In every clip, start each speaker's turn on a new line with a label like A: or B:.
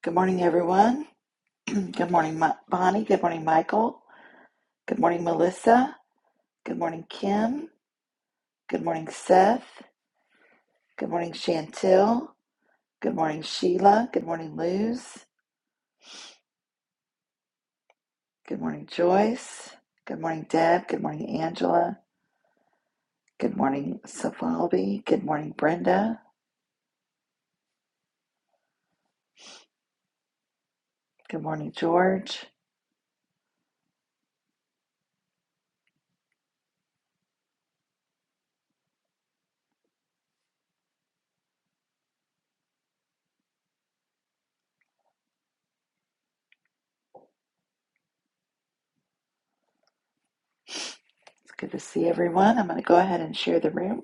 A: Good morning, everyone. Good morning, Mi- Bonnie. Good morning, Michael. Good morning, Melissa. Good morning, Kim. Good morning, Seth. Good morning, Chantel. Good morning, Sheila. Good morning, Luz. Good morning, Joyce. Good morning, Deb. Good morning, Angela. Good morning, Safalbi. Good morning, Brenda. Good morning, George. It's good to see everyone. I'm going to go ahead and share the room.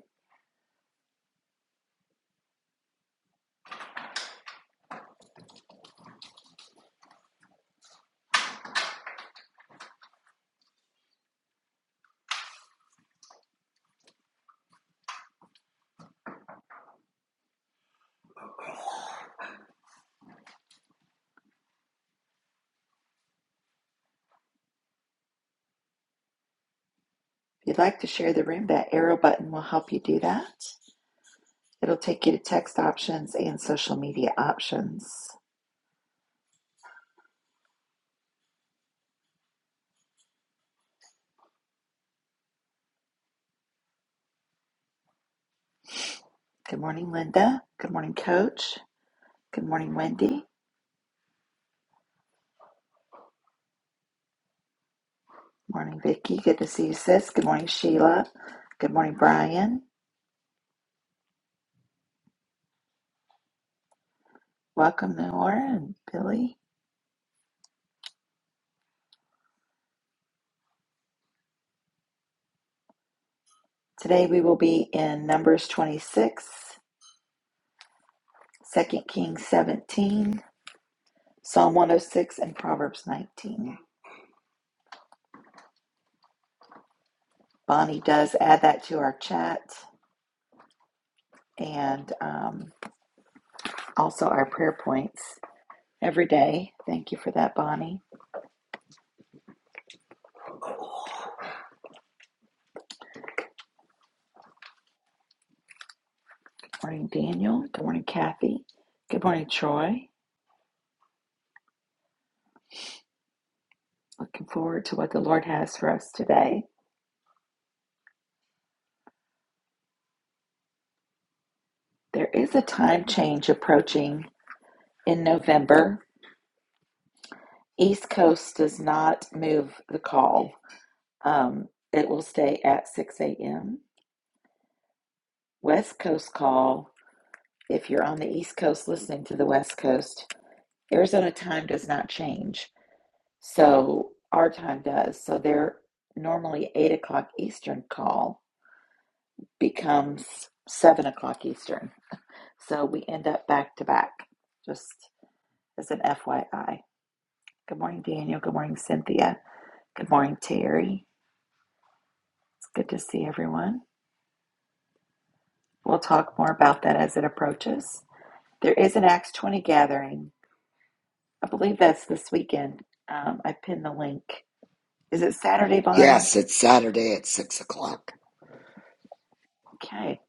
A: If you'd like to share the room, that arrow button will help you do that. It'll take you to text options and social media options. Good morning, Linda. Good morning, Coach. Good morning, Wendy. Morning, Vicki. Good to see you, sis. Good morning, Sheila. Good morning, Brian. Welcome, Nora and Billy. Today we will be in Numbers 26, Second Kings 17, Psalm 106, and Proverbs 19. Bonnie does add that to our chat and um, also our prayer points every day. Thank you for that, Bonnie. Good morning, Daniel. Good morning, Kathy. Good morning, Troy. Looking forward to what the Lord has for us today. There is a time change approaching in November. East Coast does not move the call, um, it will stay at 6 a.m. West Coast call, if you're on the East Coast listening to the West Coast, Arizona time does not change. So our time does. So they're normally 8 o'clock Eastern call becomes seven o'clock Eastern. So we end up back to back, just as an FYI. Good morning, Daniel. Good morning, Cynthia. Good morning, Terry. It's good to see everyone. We'll talk more about that as it approaches. There is an Acts 20 gathering. I believe that's this weekend. Um, I pinned the link. Is it Saturday, Bonnie?
B: Yes, it's Saturday at six o'clock.
A: Okay.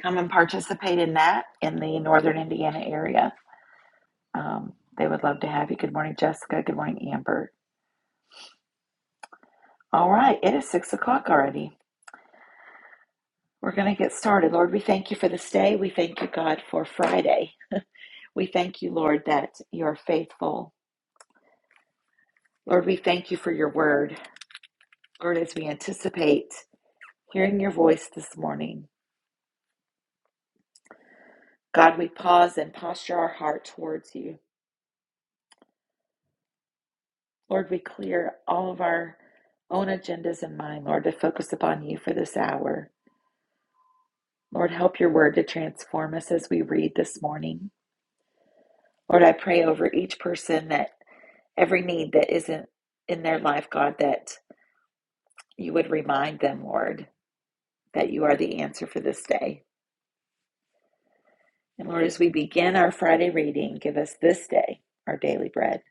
A: Come and participate in that in the northern Indiana area. Um, they would love to have you. Good morning, Jessica. Good morning, Amber All right, it is six o'clock already. We're going to get started. Lord, we thank you for this day. We thank you, God, for Friday. We thank you, Lord, that you are faithful. Lord, we thank you for your word. Lord, as we anticipate hearing your voice this morning, God, we pause and posture our heart towards you. Lord, we clear all of our own agendas and mind, Lord, to focus upon you for this hour. Lord, help your word to transform us as we read this morning. Lord, I pray over each person that every need that isn't in their life, God, that you would remind them, Lord, that you are the answer for this day. And Lord, as we begin our Friday reading, give us this day our daily bread.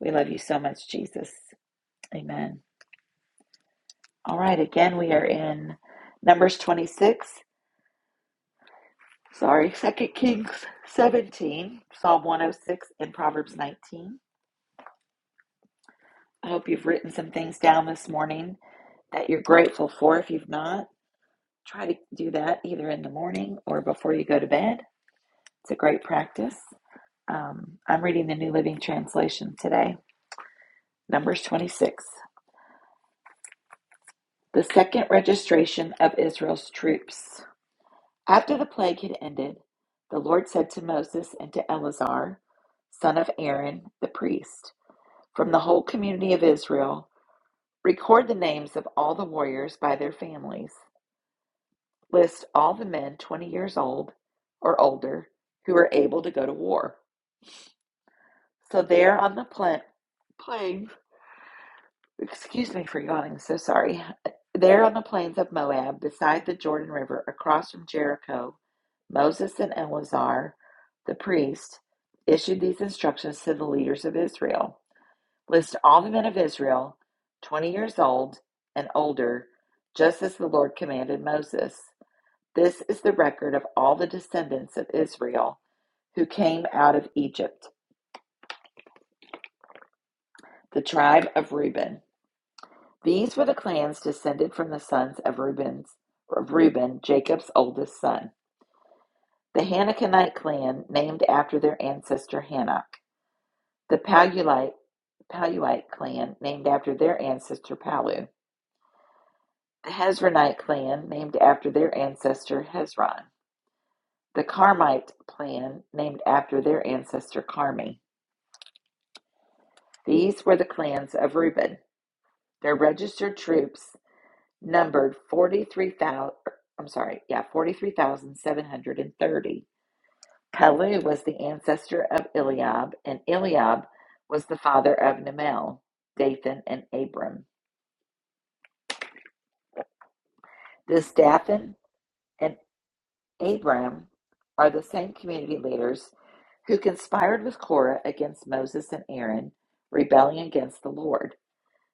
A: We love you so much, Jesus. Amen. All right, again, we are in Numbers 26, sorry, Second Kings 17, Psalm 106, and Proverbs 19. I hope you've written some things down this morning that you're grateful for if you've not. try to do that either in the morning or before you go to bed. It's a great practice. Um, I'm reading the New Living Translation today, Numbers 26. The second registration of Israel's troops. After the plague had ended, the Lord said to Moses and to Eleazar, son of Aaron, the priest, from the whole community of Israel, record the names of all the warriors by their families. List all the men 20 years old or older who are able to go to war. So there on the pla- plains, excuse me for yawning, so sorry. There on the plains of Moab, beside the Jordan River, across from Jericho, Moses and Eleazar, the priest, issued these instructions to the leaders of Israel. List all the men of Israel, 20 years old and older, just as the Lord commanded Moses. This is the record of all the descendants of Israel who came out of Egypt, the tribe of Reuben. These were the clans descended from the sons of Reuben's of Reuben, Jacob's oldest son. The Hanakonite clan, named after their ancestor Hanok. The Paluite, Paluite clan, named after their ancestor Palu. The Hezronite clan, named after their ancestor Hezron. The Carmite clan, named after their ancestor Carmi. These were the clans of Reuben. Their registered troops numbered 43,000, I'm sorry, yeah, 43,730. Palu was the ancestor of Eliab, and Eliab was the father of Namel, Dathan, and Abram. This Dathan and Abram are the same community leaders who conspired with Korah against Moses and Aaron, rebelling against the Lord.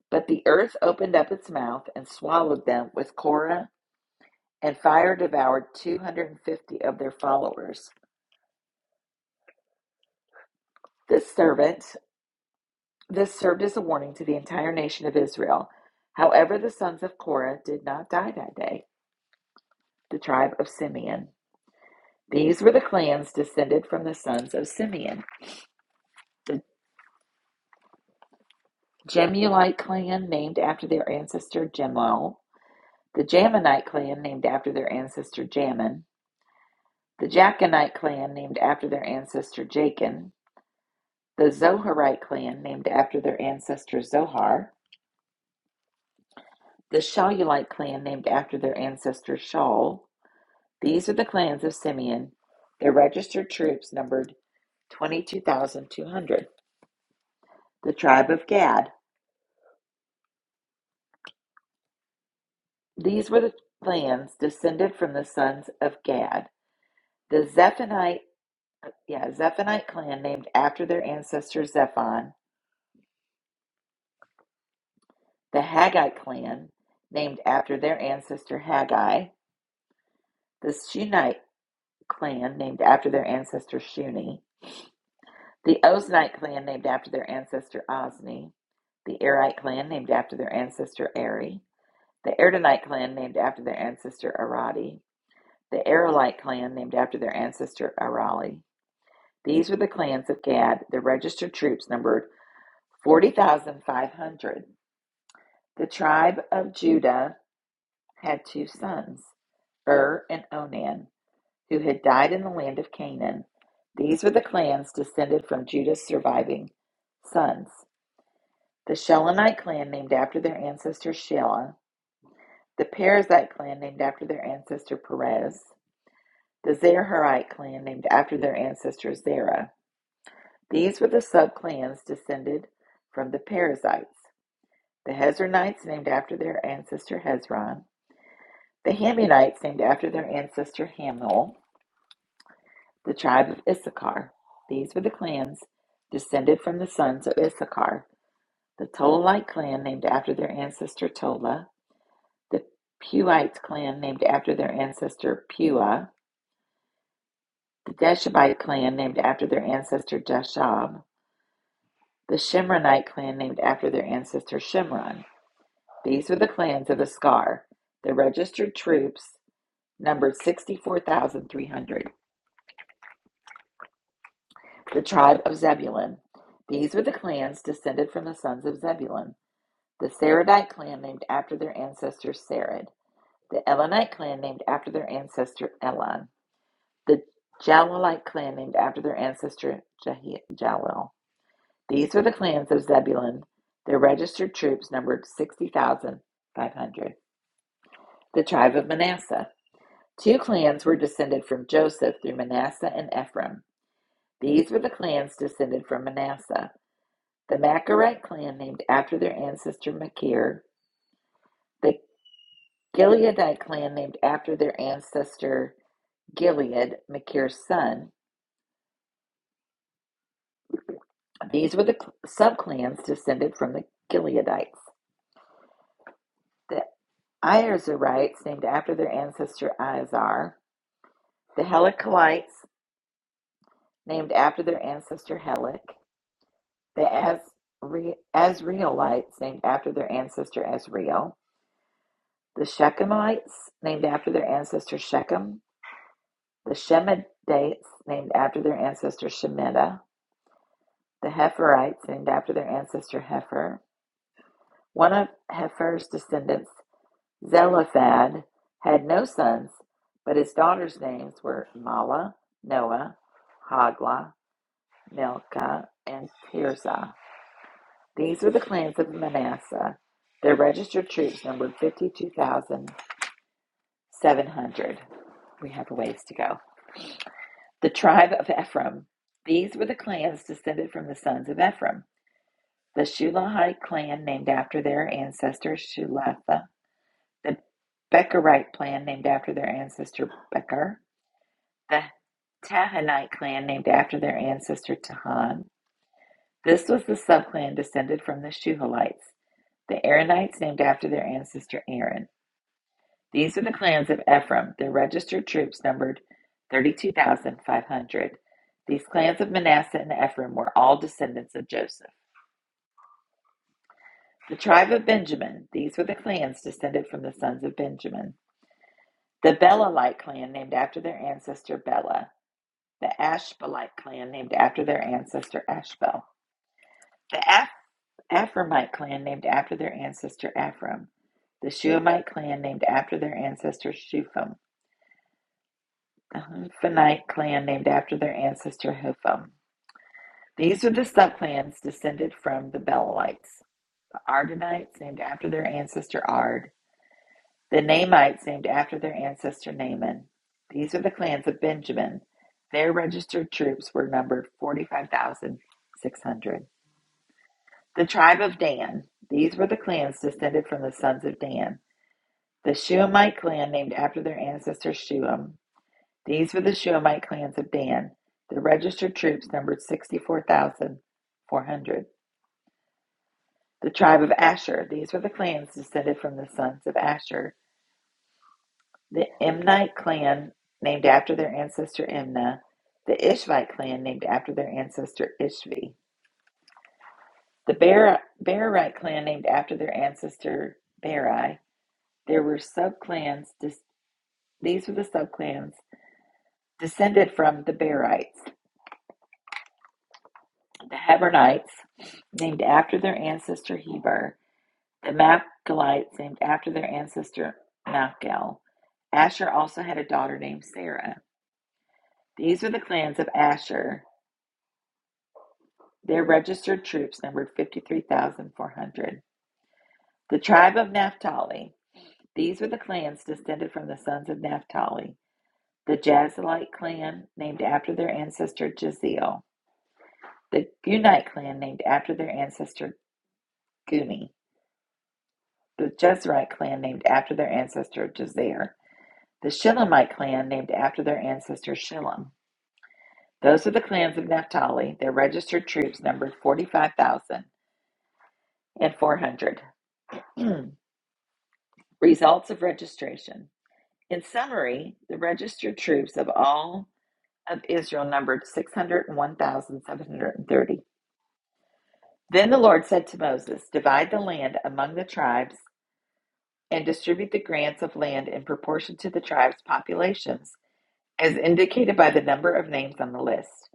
A: But the earth opened up its mouth and swallowed them with Korah, and fire devoured 250 of their followers. This servant, this served as a warning to the entire nation of Israel. However, the sons of Korah did not die that day, the tribe of Simeon. These were the clans descended from the sons of Simeon. The Jemuelite clan, named after their ancestor Jemuel. The Jaminite clan, named after their ancestor Jamin. The Jachinite clan, named after their ancestor Jachin. The Zoharite clan, named after their ancestor Zohar. The Shaulite clan, named after their ancestor Shaul These are the clans of Simeon. Their registered troops numbered 22,200. The tribe of Gad. These were the clans descended from the sons of Gad. The Zephonite, yeah, Zephonite clan named after their ancestor Zephon. The Haggite clan named after their ancestor Haggai. The Shunite clan named after their ancestor Shuni. The Oznite clan named after their ancestor Ozni. The Arite clan named after their ancestor Eri The Erdenite clan named after their ancestor Aradi. The Aralite clan named after their ancestor Arali. These were the clans of Gad. The registered troops numbered 40,500. The tribe of Judah had two sons, Ur and Onan, who had died in the land of Canaan. These were the clans descended from Judah's surviving sons. The Shelonite clan named after their ancestor Shelah. The Perizzite clan named after their ancestor Perez. the Zerahite clan named after their ancestor Zerah. These were the subclans descended from the Perizzites, the Hezronites named after their ancestor Hezron, the Hamunites named after their ancestor Hamul, the tribe of Issachar. These were the clans descended from the sons of Issachar, the Tolite clan named after their ancestor Tola, the Puite clan named after their ancestor Pua, the Deshabite clan named after their ancestor Deshab. The Shimronite clan named after their ancestor Shimron. These were the clans of Iskar. The registered troops numbered 64,300. The tribe of Zebulun. These were the clans descended from the sons of Zebulun. The Saradite clan named after their ancestor Sarad. The Elonite clan named after their ancestor Elon. The Jalalite clan named after their ancestor Jahi- Jalil. These were the clans of Zebulun. Their registered troops numbered 60,500. The tribe of Manasseh. Two clans were descended from Joseph through Manasseh and Ephraim. These were the clans descended from Manasseh. The Machirite clan, named after their ancestor Machir. The Gileadite clan, named after their ancestor Gilead, Machir's son. These were the subclans descended from the Gileadites. The Iazarites, named after their ancestor Iazar. The Helikalites, named after their ancestor Helik. The Asri- Asrielites, named after their ancestor Asriel. The Shechemites, named after their ancestor Shechem. The Shemedites, named after their ancestor Shemida. The Heferites, named after their ancestor Hefer. One of Hefer's descendants, Zelophad, had no sons, but his daughters' names were Mala, Noah, Hagla, Milcah, and Tirzah. These were the clans of Manasseh. Their registered troops numbered 52,700. We have a ways to go. The tribe of Ephraim. These were the clans descended from the sons of Ephraim. The Shulahite clan, named after their ancestor Shulatha. The Becherite clan, named after their ancestor Becher. The Tahanite clan, named after their ancestor Tahan. This was the subclan descended from the Shuhalites. The Aaronites, named after their ancestor Aaron. These are the clans of Ephraim. Their registered troops numbered 32,500. These clans of Manasseh and Ephraim were all descendants of Joseph. The tribe of Benjamin. These were the clans descended from the sons of Benjamin. The Belalite clan, named after their ancestor Bela. The Ashbelite clan, named after their ancestor Ashbel. The Aph- Ephraimite clan, named after their ancestor Ephraim. The Shuamite clan, named after their ancestor Shufam. uh, Phoenite clan named after their ancestor Hupham. These are the subclans descended from the Belalites, the Ardenites named after their ancestor Ard, the Namites named after their ancestor Naaman. These are the clans of Benjamin. Their registered troops were numbered 45,600. The tribe of Dan. These were the clans descended from the sons of Dan. The Shuamite clan named after their ancestor Shuam, These were the Shulamite clans of Dan. The registered troops numbered 64,400. The tribe of Asher. These were the clans descended from the sons of Asher. The Imnite clan, named after their ancestor Imnah. The Ishvite clan, named after their ancestor Ishvi. The Beri- Berite clan, named after their ancestor Beri. There were subclans. Dis- these were the subclans descended from the Berites. the Hebronites, named after their ancestor Heber, the Machalites, named after their ancestor Machel. Asher also had a daughter named Sarah. These are the clans of Asher. Their registered troops numbered 53,400. The tribe of Naphtali. These were the clans descended from the sons of Naphtali. The Jazalite clan, named after their ancestor Jaziel. The Gunite clan, named after their ancestor Guni. the Jezrite clan named after their ancestor Jezer, the Shilamite clan named after their ancestor Shilom. Those are the clans of Naphtali. Their registered troops numbered 45,400. Results of registration. In summary, the registered troops of all of Israel numbered 601,730. Then the Lord said to Moses, Divide the land among the tribes and distribute the grants of land in proportion to the tribes' populations As indicated by the number of names on the list,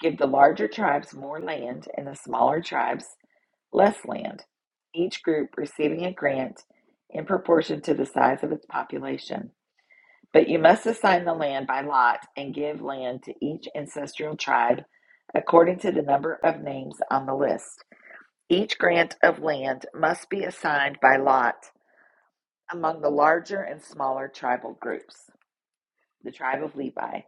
A: give the larger tribes more land and the smaller tribes less land, each group receiving a grant in proportion to the size of its population. But you must assign the land by lot and give land to each ancestral tribe according to the number of names on the list. Each grant of land must be assigned by lot among the larger and smaller tribal groups. The tribe of Levi.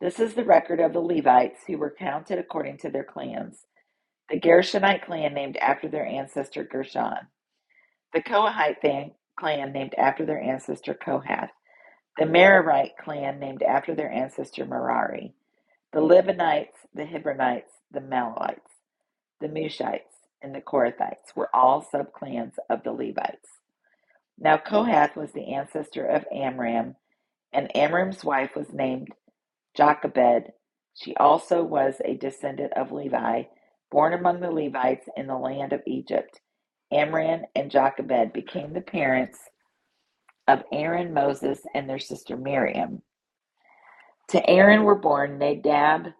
A: This is the record of the Levites who were counted according to their clans. The Gershonite clan named after their ancestor Gershon. The Kohathite clan named after their ancestor Kohath. The Merarite clan named after their ancestor Merari. The Libanites, the Hebronites, the Malawites, the Mushites, and the Korathites were all subclans of the Levites. Now Kohath was the ancestor of Amram, and Amram's wife was named Jochebed. She also was a descendant of Levi, born among the Levites in the land of Egypt. Amram and Jochebed became the parents of Aaron, Moses, and their sister Miriam. To Aaron were born Nadab,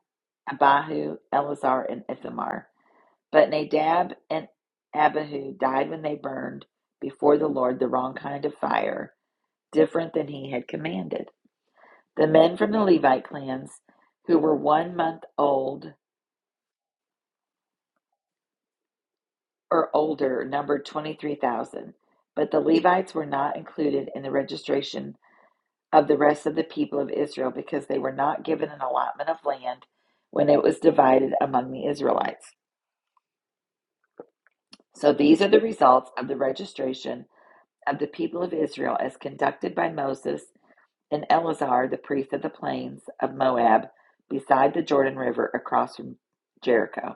A: Abihu, Eleazar, and Ithamar. But Nadab and Abihu died when they burned before the Lord the wrong kind of fire, different than he had commanded. The men from the Levite clans who were one month old or older numbered 23,000, but the Levites were not included in the registration of the rest of the people of Israel because they were not given an allotment of land when it was divided among the Israelites. So these are the results of the registration of the people of Israel as conducted by Moses and Eleazar, the priest of the plains of Moab, beside the Jordan River across from Jericho.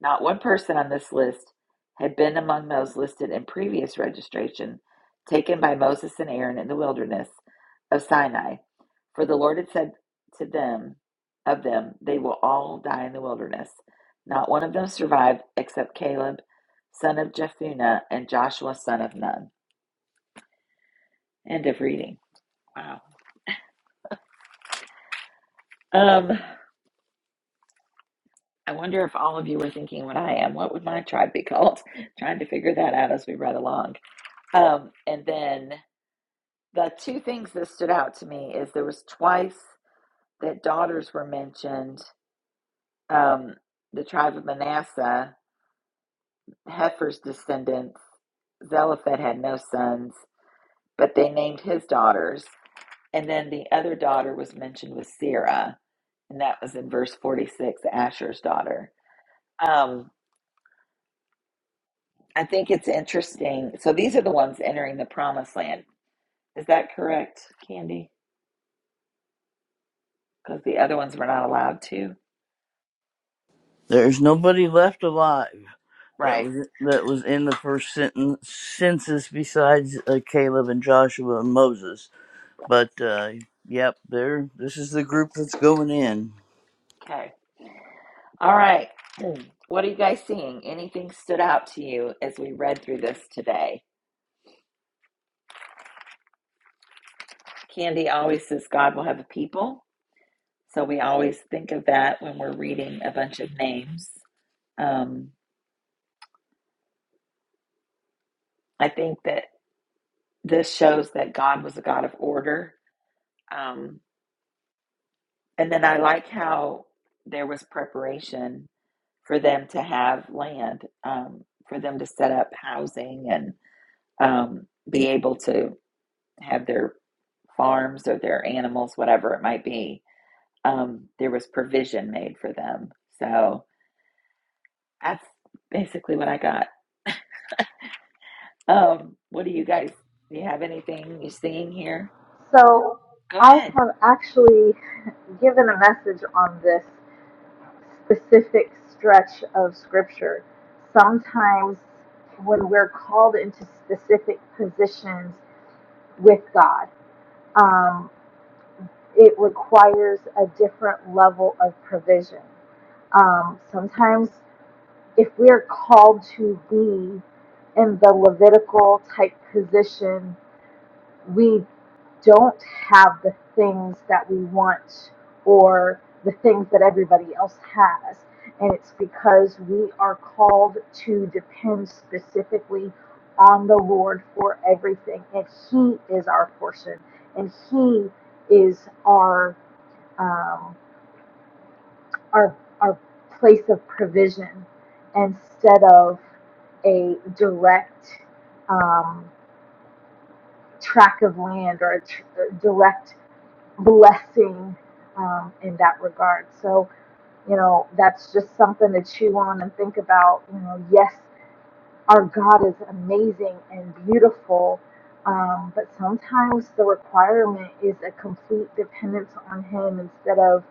A: Not one person on this list had been among those listed in previous registration taken by Moses and Aaron in the wilderness of Sinai, for the Lord had said to them, of them, they will all die in the wilderness. Not one of them survived except Caleb, son of Jephunneh, and Joshua, son of Nun. End of reading. Wow. Um, I wonder if all of you were thinking what I am. What would my tribe be called? Trying to figure that out as we read along. Um, and then The two things that stood out to me is there was twice that daughters were mentioned, um, the tribe of Manasseh, Heifer's descendants. Zelophehad had no sons, but they named his daughters. And then the other daughter was mentioned with Sarah, and that was in verse 46, Asher's daughter. Um, I think it's interesting. So these are the ones entering the promised land. Is that correct, Candy? Because the other ones were not allowed to?
C: There's nobody left alive that
A: Right.
C: was that was in the first sentence, census besides uh, Caleb and Joshua and Moses. But uh, yep, there. This is the group that's going in.
A: Okay. All right. What are you guys seeing? Anything stood out to you as we read through this today? Candy always says God will have a people. So we always think of that when we're reading a bunch of names. Um, I think that this shows that God was a God of order. Um, and then I like how there was preparation for them to have land, um, for them to set up housing and um, be able to. have their farms or their animals, whatever it might be, um, there was provision made for them. So that's basically what I got. Um, what do you guys, do you have anything you're seeing here?
D: So
A: Go
D: I
A: ahead.
D: have actually given a message on this specific stretch of scripture. Sometimes when we're called into specific positions with God, um, it requires a different level of provision. Um, sometimes if we're called to be in the Levitical type position we don't have the things that we want or the things that everybody else has. And it's because we are called to depend specifically on the Lord for everything. And He is our portion. And He is our um, our our place of provision instead of a direct um, track of land or a tr- direct blessing um, in that regard. So, you know, that's just something to chew on and think about. You know, yes, our God is amazing and beautiful, um, but sometimes the requirement is a complete dependence on Him instead of,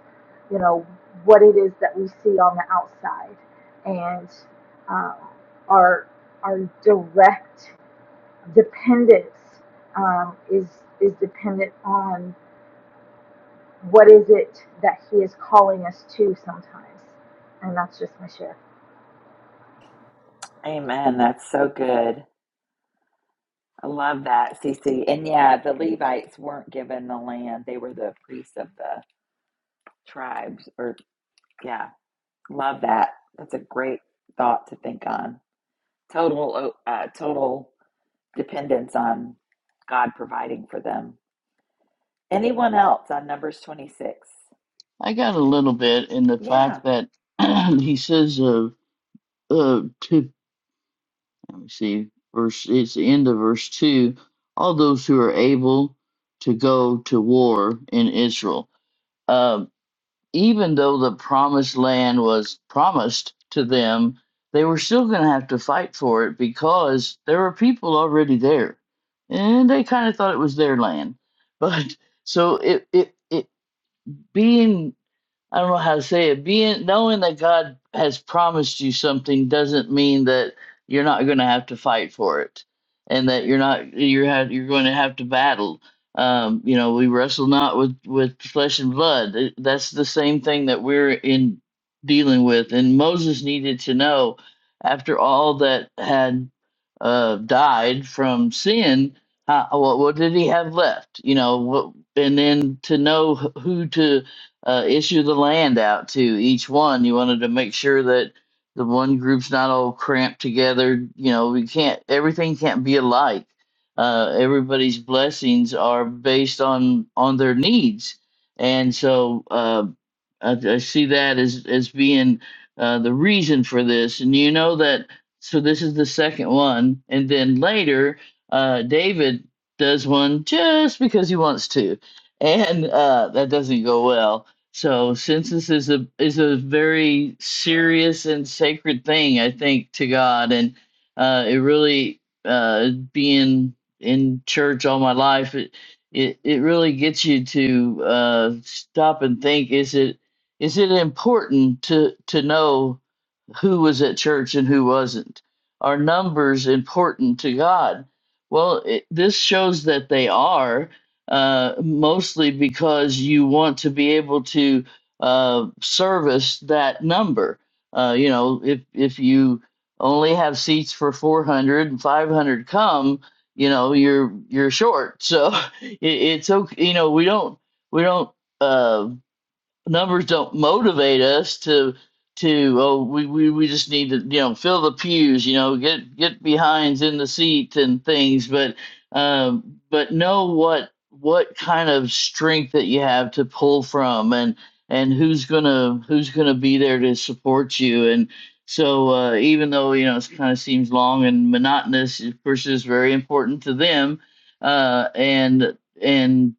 D: you know, what it is that we see on the outside and um, our our direct dependence um, is is dependent on what is it that he is calling us to sometimes and that's just my share
A: Amen. That's so good. I love that, CC. And yeah, the Levites weren't given the land, they were the priests of the tribes. Or, yeah, love that. That's a great thought to think on. Total, oh, uh, total dependence on God providing for them. Anyone else on Numbers 26?
C: I got a little bit in the fact
A: Yeah,
C: that he says, "Of uh, uh, two, let me see, verse. It's the end of verse two. All those who are able to go to war in Israel." Um, even though the promised land was promised to them, they were still going to have to fight for it because there were people already there. And they kind of thought it was their land. But so it, it, it being I don't know how to say it. Being knowing that God has promised you something doesn't mean that you're not going to have to fight for it, and that you're not you're ha you're going to have to battle. Um, you know, we wrestle not with with flesh and blood. Th- That's the same thing that we're in dealing with. And Moses needed to know after all that had uh, died from sin. How, what, what did he have left? You know, what, and then to know who to uh, issue the land out to each one. You wanted to make sure that the one group's not all cramped together. You know, we can't, everything can't be alike. Uh, everybody's blessings are based on on their needs, and so uh, I, I see that as as being uh, the reason for this. And you know that. So this is the second one, and then later uh, David does one just because he wants to, and uh, that doesn't go well so census is a is a very serious and sacred thing, I think, to God, and uh, it really uh, being in church all my life, it it, it really gets you to uh, stop and think: is it is it important to to know? who was at church and who wasn't. Are numbers important to God? Well, it, this shows that they are, uh, mostly because you want to be able to uh, service that number. Uh, you know, if if you only have seats for 400 and 500 come, you know, you're you're short. So it, it's okay. You know, we don't we don't. uh, numbers don't motivate us to to oh we, we we just need to you know fill the pews you know get get behinds in the seat and things but um but know what what kind of strength that you have to pull from and and who's gonna who's gonna be there to support you and so uh, even though you know it kind of seems long and monotonous of course it's very important to them uh and and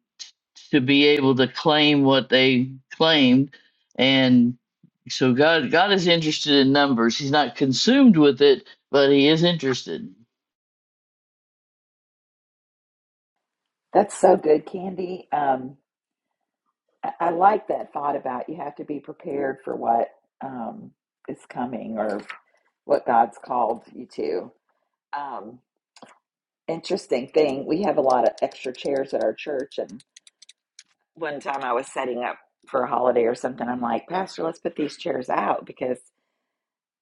C: to be able to claim what they claimed and so god god is interested in numbers he's not consumed with it but he is interested
A: that's so good, Candy. Um, I, I like that thought about you have to be prepared for what um, is coming or what God's called you to. Um, interesting thing, we have a lot of extra chairs at our church. And one time I was setting up for a holiday or something, I'm like, Pastor, let's put these chairs out because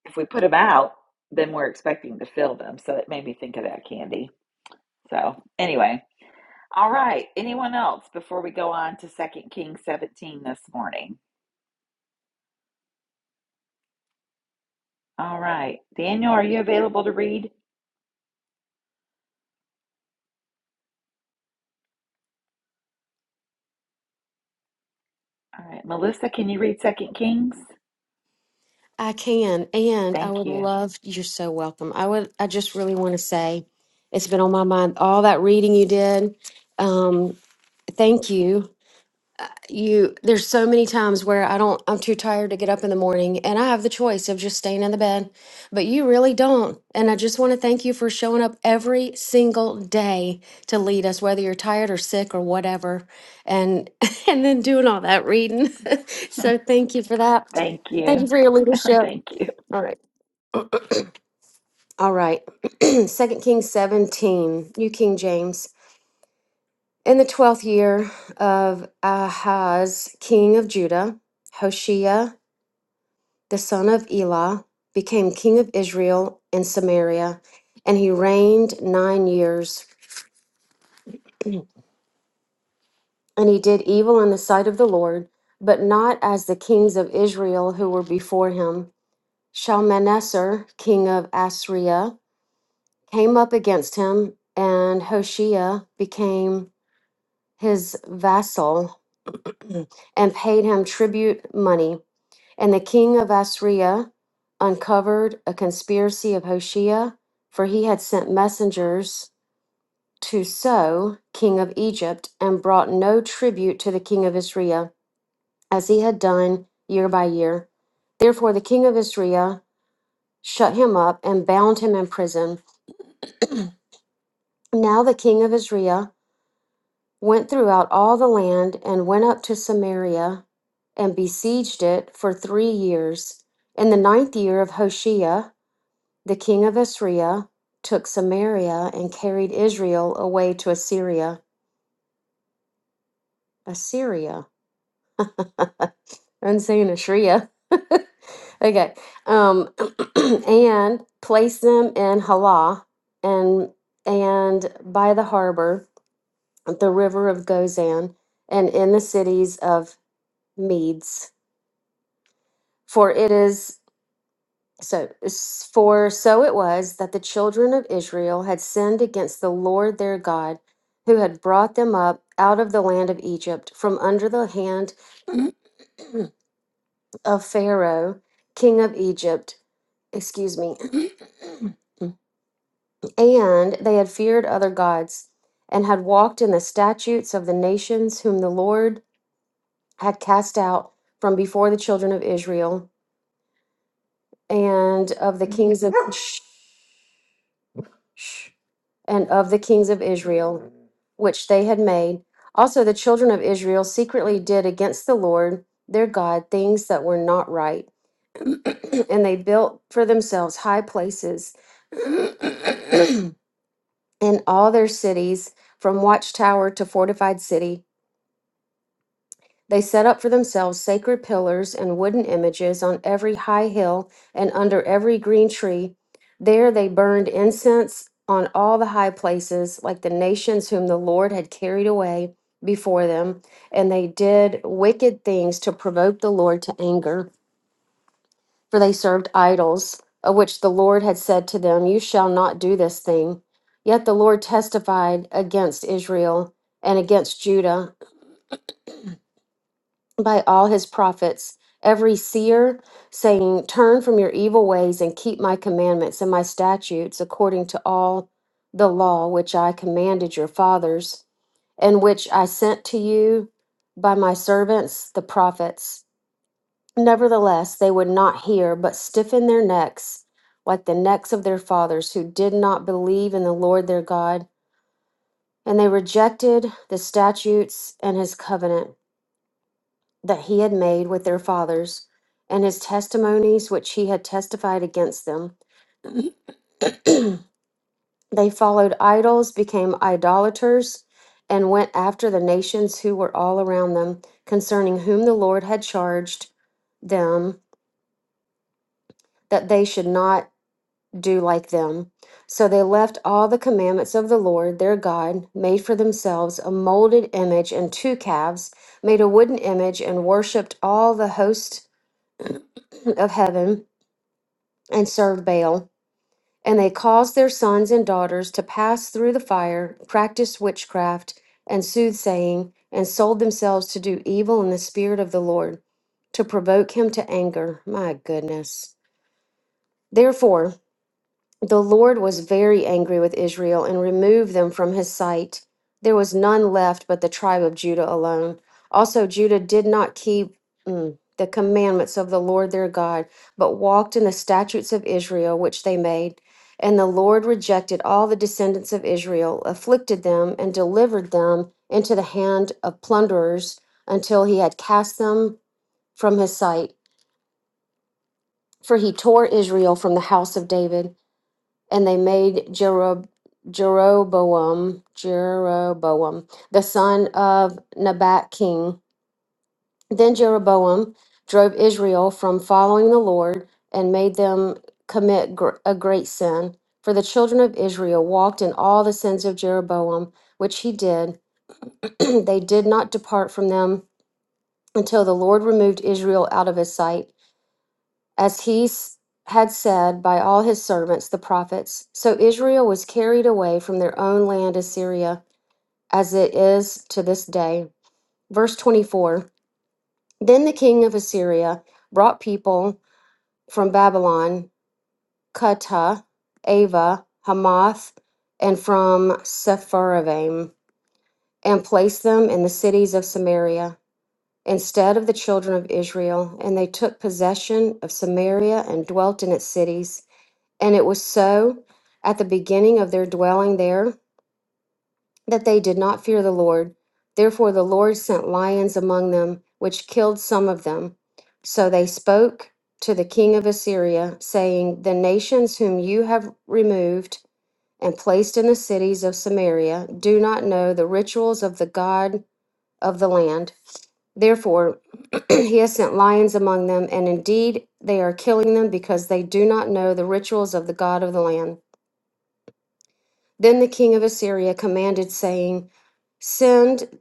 A: if we put them out, then we're expecting to fill them. So it made me think of that candy. So anyway, all right. Anyone else before we go on to Second Kings 17 this morning? All right. Daniel, are you available to read? All right. Melissa, can you read Second Kings?
E: I can, and I
A: Thank
E: would
A: you.
E: love, you're so welcome. I would, I just really want to say it's been on my mind, all that reading you did. Um, thank you. You, there's so many times where I don't, I'm too tired to get up in the morning and I have the choice of just staying in the bed, but you really don't. And I just want to thank you for showing up every single day to lead us, whether you're tired or sick or whatever, and and then doing all that reading. so thank you for that.
A: Thank
E: Thank you
A: you.
E: for your leadership.
A: Thank you.
E: All right. All right. Second Kings 17, New King James. In the twelfth year of Ahaz, king of Judah, Hoshea, the son of Elah, became king of Israel in Samaria, and he reigned nine years. And he did evil in the sight of the Lord, but not as the kings of Israel who were before him. Shalmaneser, king of Assyria, came up against him, and Hoshea became his vassal and paid him tribute money. And the king of Assyria uncovered a conspiracy of Hoshea, for he had sent messengers to So, king of Egypt, and brought no tribute to the king of Assyria, as he had done year by year. Therefore, the king of Assyria shut him up and bound him in prison. Now, the king of Assyria went throughout all the land and went up to Samaria and besieged it for three years. In the ninth year of Hoshea, the king of Assyria took Samaria and carried Israel away to Assyria. Assyria. I'm saying Assyria. okay. Um, and placed them in Halah and and by the harbor, the river of Gozan, and in the cities of Medes. For it is so for so it was that the children of Israel had sinned against the Lord their God, who had brought them up out of the land of Egypt from under the hand of Pharaoh, king of Egypt, excuse me. and they had feared other gods and had walked in the statutes of the nations whom the Lord had cast out from before the children of Israel and of the kings of Shh, shh. and of the kings of Israel, which they had made. Also, the children of Israel secretly did against the Lord their God things that were not right, and they built for themselves high places in all their cities, from watchtower to fortified city. They set up for themselves sacred pillars and wooden images on every high hill and under every green tree. There they burned incense on all the high places, like the nations whom the Lord had carried away before them. And they did wicked things to provoke the Lord to anger, for they served idols, of which the Lord had said to them, You shall not do this thing. Yet the Lord testified against Israel and against Judah by all his prophets, every seer, saying, Turn from your evil ways and keep my commandments and my statutes according to all the law which I commanded your fathers, and which I sent to you by my servants, the prophets. Nevertheless, they would not hear, but stiffened their necks like the necks of their fathers, who did not believe in the Lord their God. And they rejected the statutes and his covenant. that he had made with their fathers, and his testimonies which he had testified against them. They followed idols, became idolaters, and went after the nations who were all around them, concerning whom the Lord had charged them that they should not do like them. So they left all the commandments of the Lord their God, made for themselves a molded image and two calves, made a wooden image, and worshipped all the host of heaven and served Baal. And they caused their sons and daughters to pass through the fire, practiced witchcraft and soothsaying, and sold themselves to do evil in the spirit of the Lord, to provoke him to anger. My goodness. Therefore, the Lord was very angry with Israel and removed them from his sight. There was none left but the tribe of Judah alone. Also, Judah did not keep mm, the commandments of the Lord their God, but walked in the statutes of Israel which they made. And the Lord rejected all the descendants of Israel, afflicted them, and delivered them into the hand of plunderers until he had cast them from his sight. For he tore Israel from the house of David and they made Jerob- Jeroboam, Jeroboam, the son of Nebat king. Then Jeroboam drove Israel from following the Lord and made them commit gr- a great sin. For the children of Israel walked in all the sins of Jeroboam, which he did. they did not depart from them until the Lord removed Israel out of his sight. as he s- had said by all his servants, the prophets. So Israel was carried away from their own land Assyria, as it is to this day. Verse 24 Then the king of Assyria brought people from Babylon, Cutha, Ava, Hamath, and from Sepharvaim, and placed them in the cities of Samaria. Instead of the children of Israel, and they took possession of Samaria and dwelt in its cities. And it was so at the beginning of their dwelling there that they did not fear the Lord. Therefore, the Lord sent lions among them, which killed some of them. So they spoke to the king of Assyria, saying, The nations whom you have removed and placed in the cities of Samaria do not know the rituals of the God of the land. Therefore, he has sent lions among them, and indeed they are killing them because they do not know the rituals of the God of the land. Then the king of Assyria commanded, saying, Send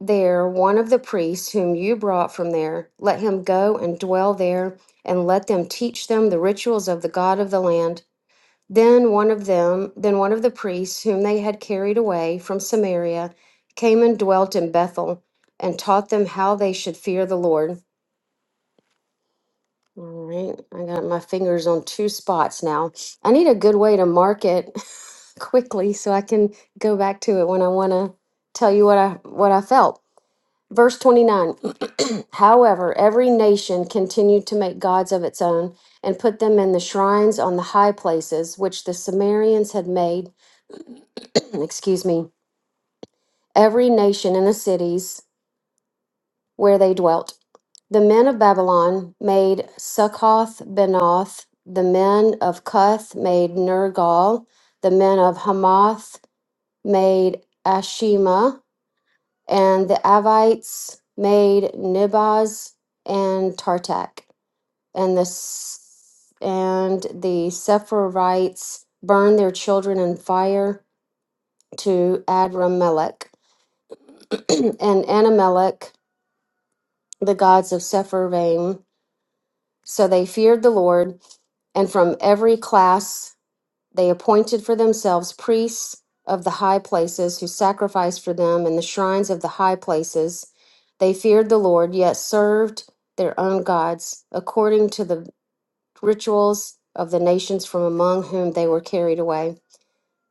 E: there one of the priests whom you brought from there. Let him go and dwell there, and let them teach them the rituals of the God of the land. Then one of them, then one of the priests whom they had carried away from Samaria, came and dwelt in Bethel, and taught them how they should fear the Lord. All right, I got my fingers on two spots now. I need a good way to mark it quickly so I can go back to it when I want to tell you what I what I felt. Verse 29. However, every nation continued to make gods of its own and put them in the shrines on the high places which the Sumerians had made, excuse me, every nation in the cities where they dwelt. The men of Babylon made Succoth Benoth. The men of Cuth made Nergal. The men of Hamath made Ashima. And the Avites made Nibaz and Tartak. And the, S- and the Sepharvites burned their children in fire to Adramelech and Anamelech, the gods of Sepharvaim. So they feared the Lord and from every class they appointed for themselves priests of the high places who sacrificed for them in the shrines of the high places. They feared the Lord, yet served their own gods according to the rituals of the nations from among whom they were carried away.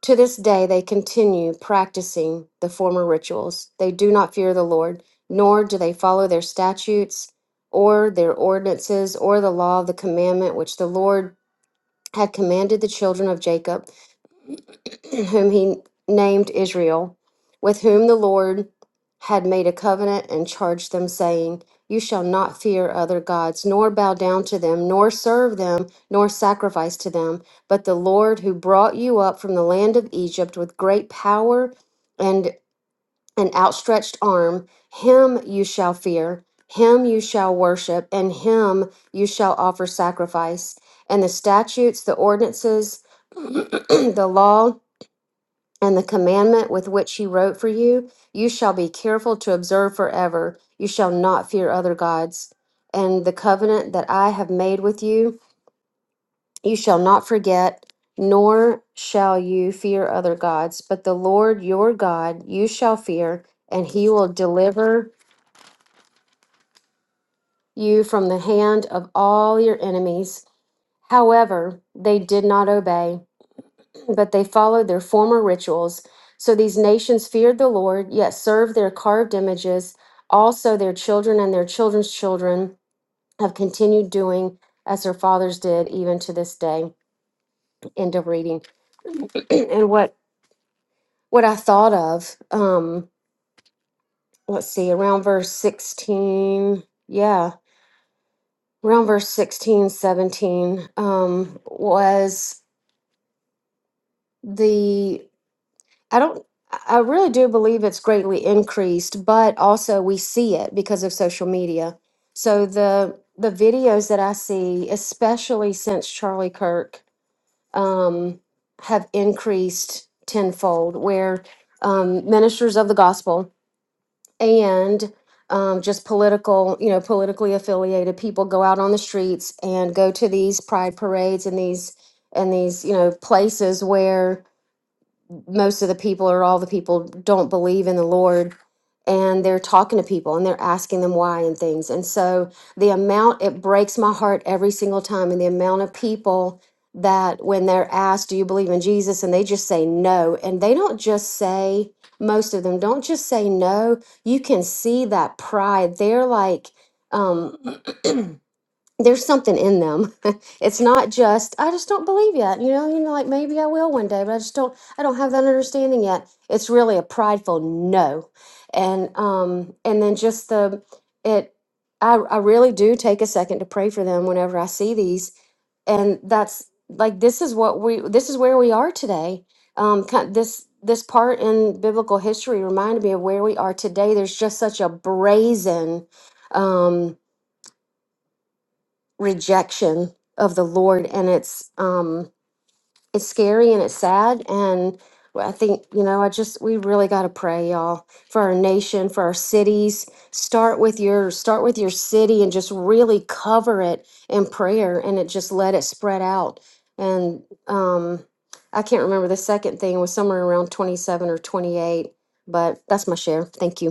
E: To this day, they continue practicing the former rituals. They do not fear the Lord, nor do they follow their statutes or their ordinances or the law of the commandment which the Lord had commanded the children of Jacob, whom he named Israel, with whom the Lord had made a covenant and charged them, saying, You shall not fear other gods, nor bow down to them, nor serve them, nor sacrifice to them, but the Lord who brought you up from the land of Egypt with great power. and." an outstretched arm. Him you shall fear, him you shall worship, and him you shall offer sacrifice. And the statutes, the ordinances, the law, and the commandment with which he wrote for you, you shall be careful to observe forever. You shall not fear other gods. And the covenant that I have made with you, you shall not forget, nor shall you fear other gods, but the Lord your God you shall fear, and he will deliver you from the hand of all your enemies. However, they did not obey, but they followed their former rituals. So these nations feared the Lord, yet served their carved images. Also, their children and their children's children have continued doing as their fathers did, even to this day. End of reading. and what what I thought of. Um, let's see, around verse 16, yeah, around verse 16, 17, um, was the, I don't, I I really do believe it's greatly increased, but also we see it because of social media. So the, the videos that I see, especially since Charlie Kirk, um, have increased tenfold, where um, ministers of the gospel and um, just political, you know, politically affiliated people go out on the streets and go to these pride parades and these and these, you know, places where most of the people or all the people don't believe in the Lord and they're talking to people and they're asking them why and things. And so the amount it breaks my heart every single time and the amount of people that when they're asked, do you believe in Jesus? And they just say no. And they don't just say, most of them don't just say no. You can see that pride. They're like, um, there's something in them. it's not just I just don't believe yet. You know, you know, like maybe I will one day, but I just don't. I don't have that understanding yet. It's really a prideful no, and um, and then just the it. I I really do take a second to pray for them whenever I see these, and that's like this is what we this is where we are today. Um, ki- this this part in biblical history reminded me of where we are today. There's just such a brazen. um, rejection of the Lord, and it's um, it's scary and it's sad. And I think you know, I just we really got to pray, y'all, for our nation, for our cities. Start with your start with your city, and just really cover it in prayer, and it just let it spread out. And um, I can't remember the second thing it was somewhere around twenty seven or twenty eight, but that's my share. Thank you.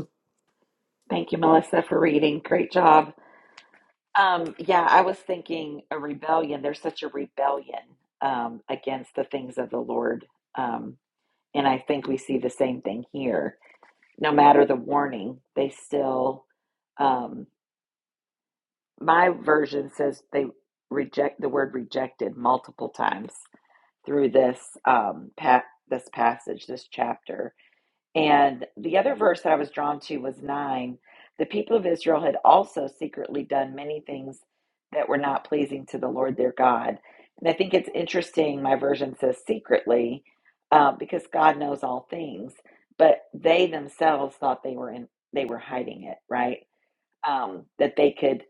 A: Thank you, Melissa, for reading. Great job. Um, yeah, I was thinking a rebellion. There's such a rebellion um, against the things of the Lord. Um, and I think we see the same thing here no matter the warning, they still, um, my version says they reject the word rejected multiple times through this um, pa- this passage, this chapter. And the other verse that I was drawn to was 9. The people of Israel had also secretly done many things that were not pleasing to the Lord their God. And I think it's interesting, my version says secretly, uh, because God knows all things, but they themselves thought they were in, they were hiding it, right? Um, that they could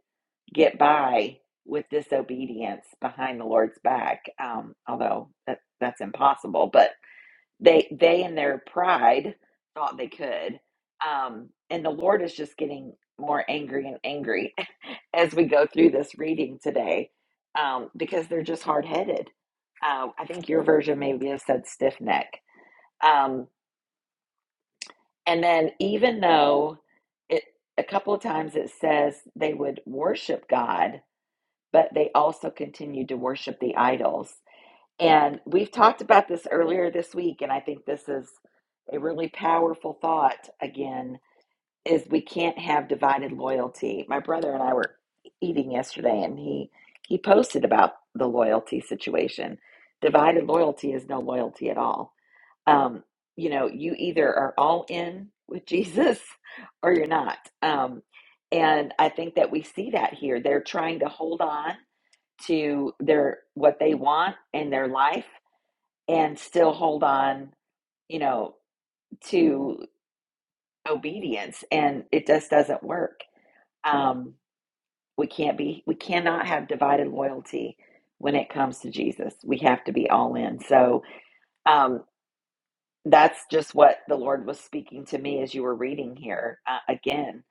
A: get by with disobedience behind the Lord's back, um, although that, that's impossible. but they they in their pride thought they could um and the lord is just getting more angry and angry as we go through this reading today um because they're just hard-headed uh, i think your version maybe has said stiff neck um and then even though it a couple of times it says they would worship god but they also continued to worship the idols And we've talked about this earlier this week, and I think this is a really powerful thought again is we can't have divided loyalty. My brother and I were eating yesterday and he he posted about the loyalty situation. Divided loyalty is no loyalty at all. Um, you know, you either are all in with Jesus or you're not. Um, and I think that we see that here. They're trying to hold on to their what they want in their life and still hold on, you know, to obedience and it just doesn't work. Um we can't be we cannot have divided loyalty when it comes to Jesus. We have to be all in. So um that's just what the Lord was speaking to me as you were reading here uh, again.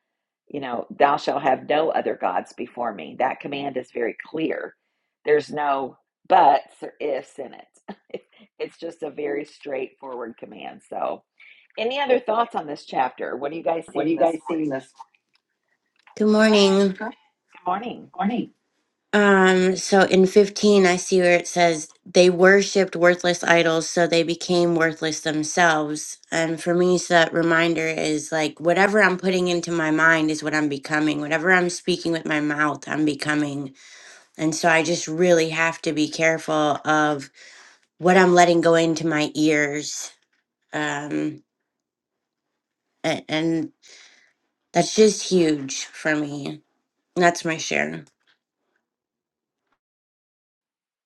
A: You know, thou shalt have no other gods before me. That command is very clear. There's no buts or ifs in it. It's just a very straightforward command. So, Any other thoughts on this chapter? What are you guys
F: What are
A: seeing
F: you
A: this
F: guys
A: morning?
F: seeing this Good
A: Go ahead.
F: morning. Good
A: Good morning.
F: morning? Um, so in 15, I see where it says they worshiped worthless idols, so they became worthless themselves. And for me, so that reminder is like whatever I'm putting into my mind is what I'm becoming. Whatever I'm speaking with my mouth, I'm becoming. And so I just really have to be careful of what I'm letting go into my ears. Um, and, and that's just huge for me. That's my share.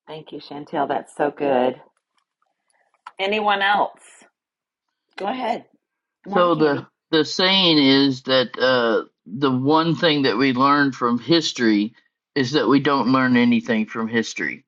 A: Thank you, Chantel. That's so good. Anyone else? Go ahead. Good morning,
C: so the
A: Candy.
C: the saying is that uh the one thing that we learn from history is that we don't learn anything from history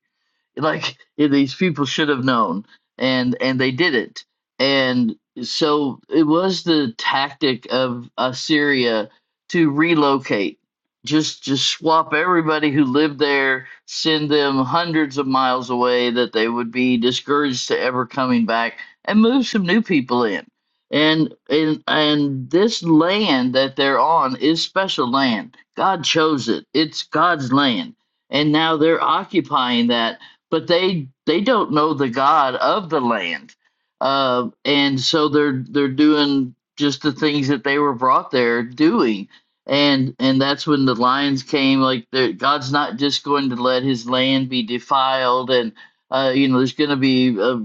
C: like eh, these people should have known and and they didn't and so it was the tactic of assyria to relocate just just swap everybody who lived there send them hundreds of miles away that they would be discouraged to ever coming back and move some new people in and and and this land that they're on is special land god chose it it's god's land and now they're occupying that but they they don't know the God of the land, uh, and so they're they're doing just the things that they were brought there doing, and and that's when the lions came. Like God's not just going to let His land be defiled, and uh, you know there's going to be a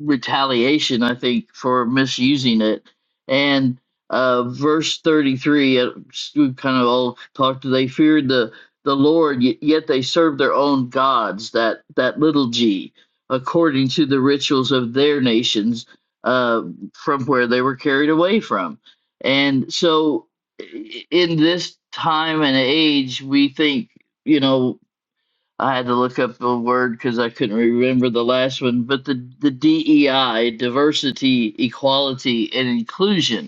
C: retaliation, I think, for misusing it. And uh, verse 33, uh, we kind of all talked, they feared the, the Lord, y- yet they served their own gods, that, that little g, according to the rituals of their nations uh, from where they were carried away from. And so i- in this time and age, we think, you know, I had to look up the word because I couldn't remember the last one, but the, the DEI, diversity, equality, and inclusion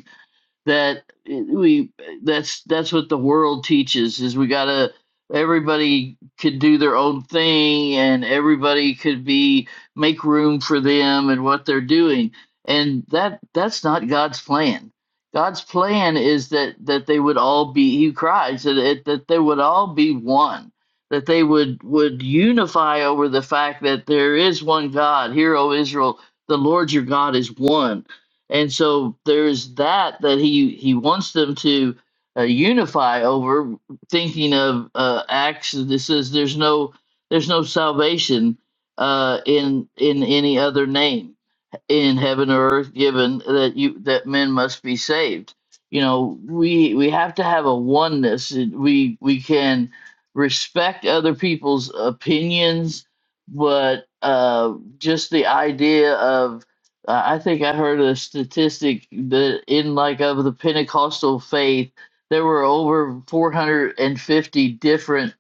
C: that we that's that's what the world teaches is we gotta everybody could do their own thing and everybody could be make room for them and what they're doing and that that's not god's plan god's plan is that that they would all be he cries that it, that they would all be one that they would would unify over the fact that there is one god hear o israel the lord your god is one and so there's that that he he wants them to uh, unify over thinking of uh, acts that says there's no there's no salvation uh, in in any other name in heaven or earth given that you that men must be saved you know we we have to have a oneness we we can respect other people's opinions but uh just the idea of uh, i think i heard a statistic that in like of the pentecostal faith there were over 450 different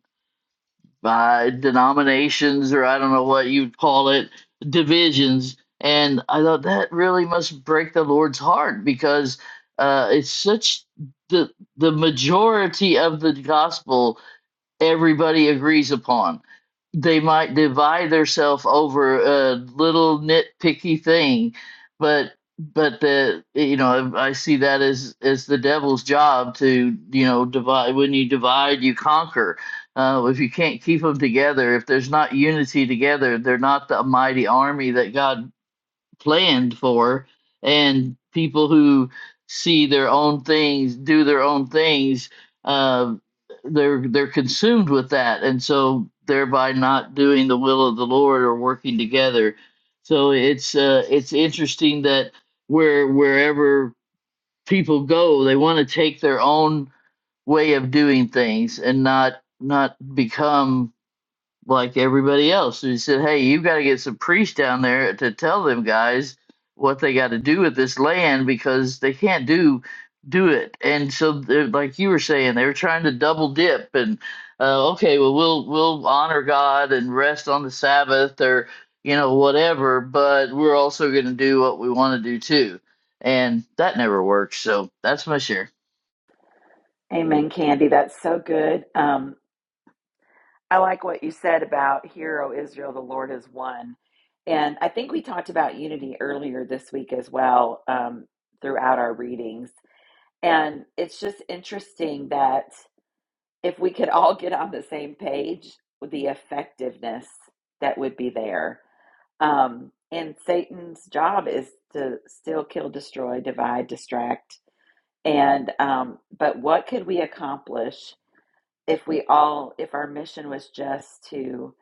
C: uh, denominations or I don't know what you'd call it, divisions. And I thought that really must break the Lord's heart because uh, it's such the the majority of the gospel everybody agrees upon. They might divide themselves over a little nitpicky thing, but but the you know I see that as as the devil's job to you know divide. When you divide, you conquer. Uh, if you can't keep them together, if there's not unity together, they're not the mighty army that God planned for and people who see their own things do their own things uh, they're they're consumed with that and so thereby not doing the will of the lord or working together so it's uh, it's interesting that where wherever people go they want to take their own way of doing things and not not become like everybody else. And He said, "Hey, you've got to get some priests down there to tell them guys what they got to do with this land because they can't do do it." And so, they're- like you were saying, they were trying to double dip and uh, okay, well, we'll we'll honor God and rest on the Sabbath or you know whatever, but we're also going to do what we want to do too, and that never works. So that's my share.
A: Amen, Candy. That's so good. Um, I like what you said about "Hear, O Israel, the Lord is one. And I think we talked about unity earlier this week as well um, throughout our readings. And it's just interesting that if we could all get on the same page with the effectiveness that would be there. Um, and Satan's job is to still kill, destroy, divide, distract. And um, but what could we accomplish if we all if our mission was just to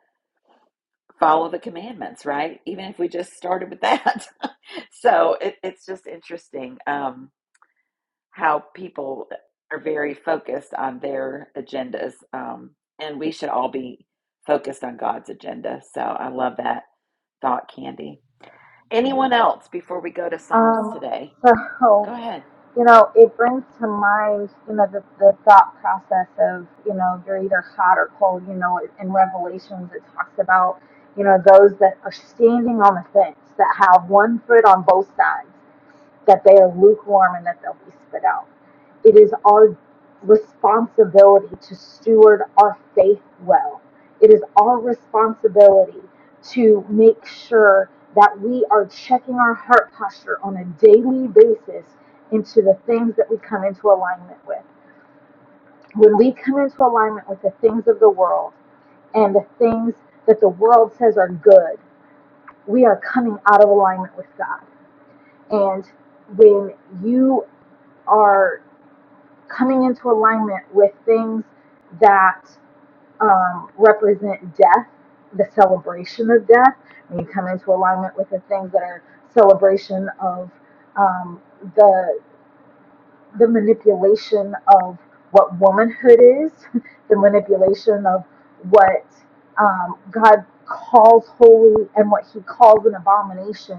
A: follow the commandments, right? Even if we just started with that. so it, it's just interesting. Um, how people are very focused on their agendas. Um, and we should all be focused on God's agenda. So I love that thought, Candy. Anyone else before we go to Psalms
D: um
A: today?
D: so
A: Go ahead.
D: you know it brings to mind you know the, the thought process of you know you're either hot or cold you know in revelations it talks about you know those that are standing on the fence that have one foot on both sides that they are lukewarm and that they'll be spit out. It is our responsibility to steward our faith well. It is our responsibility to make sure that we are checking our heart posture on a daily basis into the things that we come into alignment with. When we come into alignment with the things of the world and the things that the world says are good, we are coming out of alignment with God. And when you are coming into alignment with things that um, represent death, the celebration of death. When you come into alignment with the things that are celebration of um, the the manipulation of what womanhood is, the manipulation of what um, God calls holy and what he calls an abomination,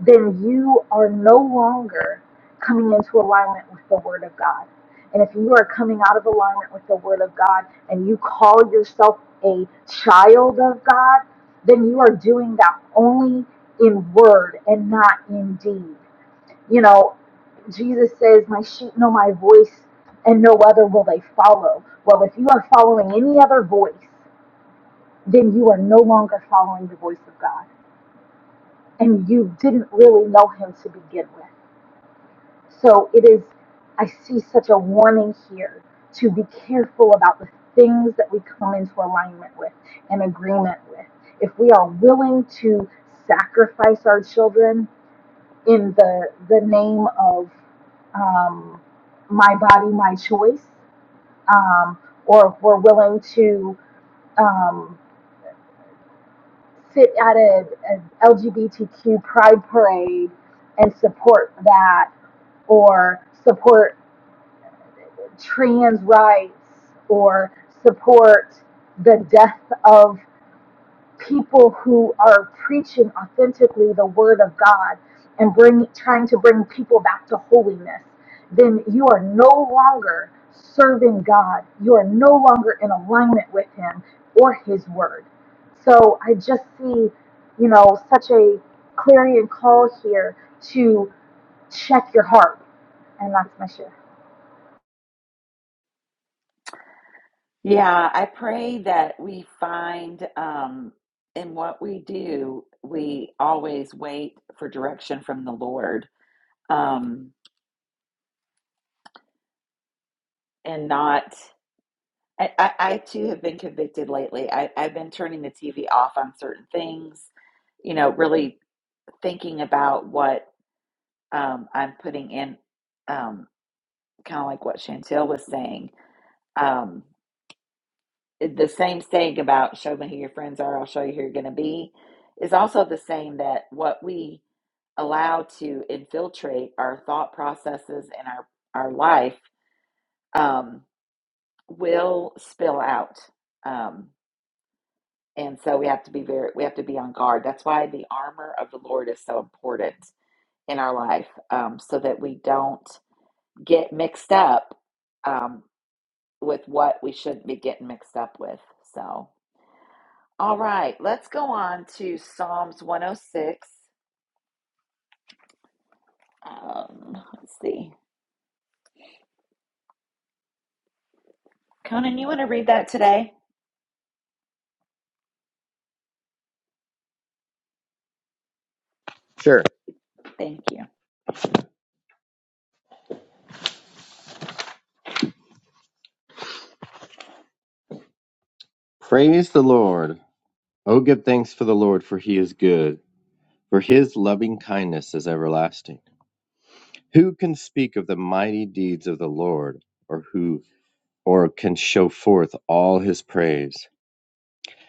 D: then you are no longer coming into alignment with the Word of God. And if you are coming out of alignment with the Word of God and you call yourself a child of God, then you are doing that only in word and not in deed. You know, Jesus says, My sheep know my voice, and no other will they follow. Well, if you are following any other voice, then you are no longer following the voice of God. And you didn't really know him to begin with. So it is, I see such a warning here to be careful about the things that we come into alignment with and agreement with. If we are willing to sacrifice our children in the the name of um, my body, my choice, um, or if we're willing to um, sit at a, an LGBTQ pride parade and support that, or support trans rights, or support the death of people who are preaching authentically the word of God and bring trying to bring people back to holiness, then you are no longer serving God. You are no longer in alignment with him or his word. So I just see, you know, such a clarion call here to check your heart. And that's my share.
A: Yeah, I pray that we find um, in what we do, we always wait for direction from the Lord um, and not. I, I, I too have been convicted lately. I, I've been turning the TV off on certain things, you know, really thinking about what um, I'm putting in, um, kind of like what Chantel was saying. Um, the same saying about show me who your friends are, I'll show you who you're going to be, is also the same that what we allow to infiltrate our thought processes and our, our life um, will spill out. Um, And so we have to be very, we have to be on guard. That's why the armor of the Lord is so important in our life, um, so that we don't get mixed up um, with what we shouldn't be getting mixed up with. So, all right, let's go on to Psalms 106. Um, let's see. Conan, you want to read that today?
G: Sure.
A: Thank you.
G: Praise the Lord. Oh, give thanks for the Lord, for he is good, for his loving kindness is everlasting. Who can speak of the mighty deeds of the Lord, or who or can show forth all his praise?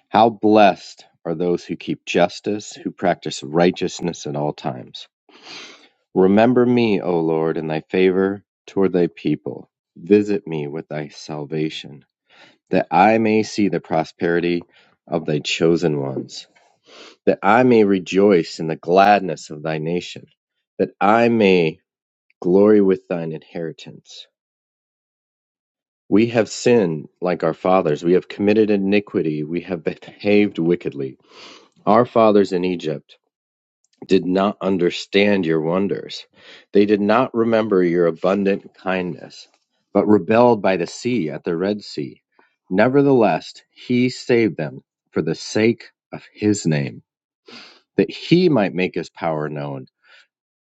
G: How blessed are those who keep justice, who practice righteousness at all times. Remember me, O Lord, in thy favor toward thy people. Visit me with thy salvation, that I may see the prosperity of thy chosen ones. that I may rejoice in the gladness of thy nation, that I may glory with thine inheritance. We have sinned like our fathers. We have committed iniquity. We have behaved wickedly. Our fathers in Egypt did not understand your wonders. They did not remember your abundant kindness, but rebelled by the sea at the Red Sea. Nevertheless, he saved them for the sake of his name, that he might make his power known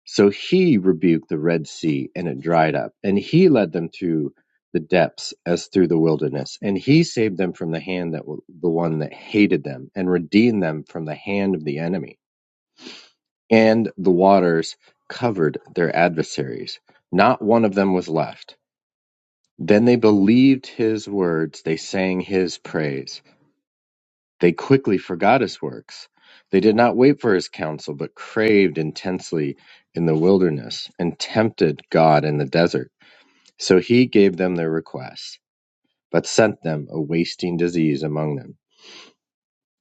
G: So he rebuked the Red Sea and it dried up, and he led them through the depths as through the wilderness, and he saved them from the hand that the one that hated them, and redeemed them from the hand of the enemy. And the waters covered their adversaries; not one of them was left. Then they believed his words; they sang his praise. They quickly forgot his works. They did not wait for his counsel, but craved intensely in the wilderness and tempted God in the desert. So he gave them their requests, but sent them a wasting disease among them.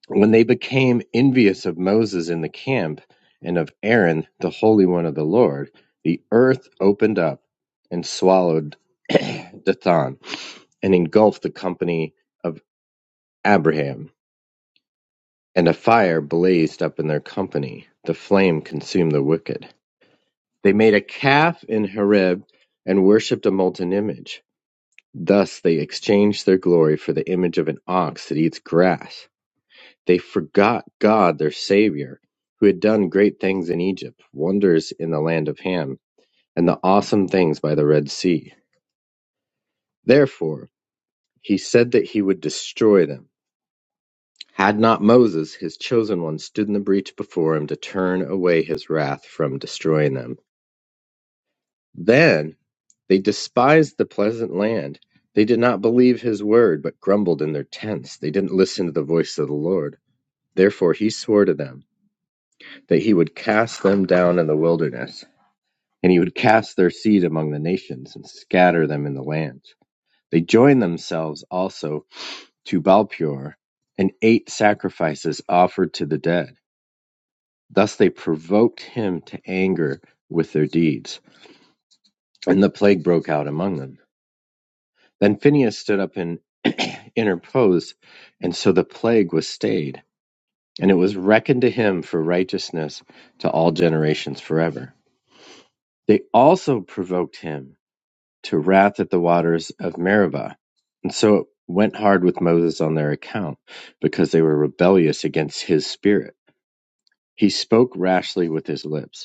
G: When they became envious of Moses in the camp and of Aaron, the Holy One of the Lord, the earth opened up and swallowed Dathan and engulfed the company of Abraham. And a fire blazed up in their company; the flame consumed the wicked. They made a calf in Horeb and worshipped a molten image. Thus they exchanged their glory for the image of an ox that eats grass. They forgot God, their Savior, who had done great things in Egypt, wonders in the land of Ham, and the awesome things by the Red Sea. Therefore, he said that he would destroy them Had not Moses, his chosen one, stood in the breach before him to turn away his wrath from destroying them. Then they despised the pleasant land. They did not believe his word, but grumbled in their tents. They didn't listen to the voice of the Lord. Therefore he swore to them that he would cast them down in the wilderness, and he would cast their seed among the nations and scatter them in the lands. They joined themselves also to Balpur and ate sacrifices offered to the dead. Thus they provoked him to anger with their deeds, and the plague broke out among them. Then Phinehas stood up and interposed, and so the plague was stayed, and it was reckoned to him for righteousness to all generations forever. They also provoked him to wrath at the waters of Meribah, and so it went hard with Moses on their account, because they were rebellious against his spirit. He spoke rashly with his lips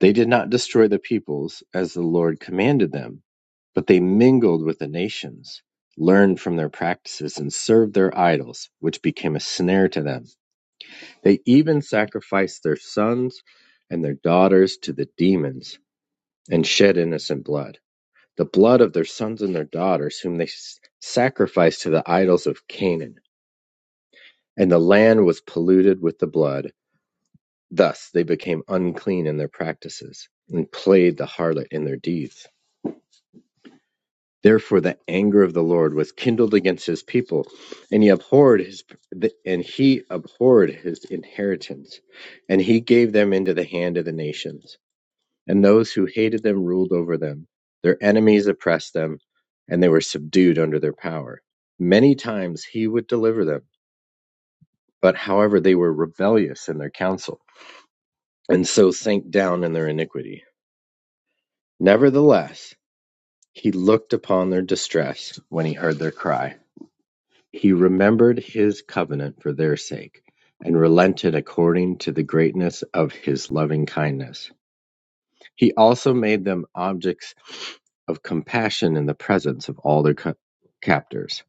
G: They did not destroy the peoples, as the Lord commanded them, but they mingled with the nations, learned from their practices, and served their idols, which became a snare to them. They even sacrificed their sons and their daughters to the demons and shed innocent blood, the blood of their sons and their daughters, whom they sacrificed to the idols of Canaan. And the land was polluted with the blood. Thus they became unclean in their practices and played the harlot in their deeds. Therefore, the anger of the Lord was kindled against his people, and he abhorred his and he abhorred his inheritance, and he gave them into the hand of the nations. And those who hated them ruled over them. Their enemies oppressed them, and they were subdued under their power. Many times he would deliver them, but however they were rebellious in their counsel, and so sank down in their iniquity. Nevertheless, he looked upon their distress when he heard their cry He remembered his covenant for their sake, and relented according to the greatness of his loving kindness. He also made them objects of compassion in the presence of all their co- captors.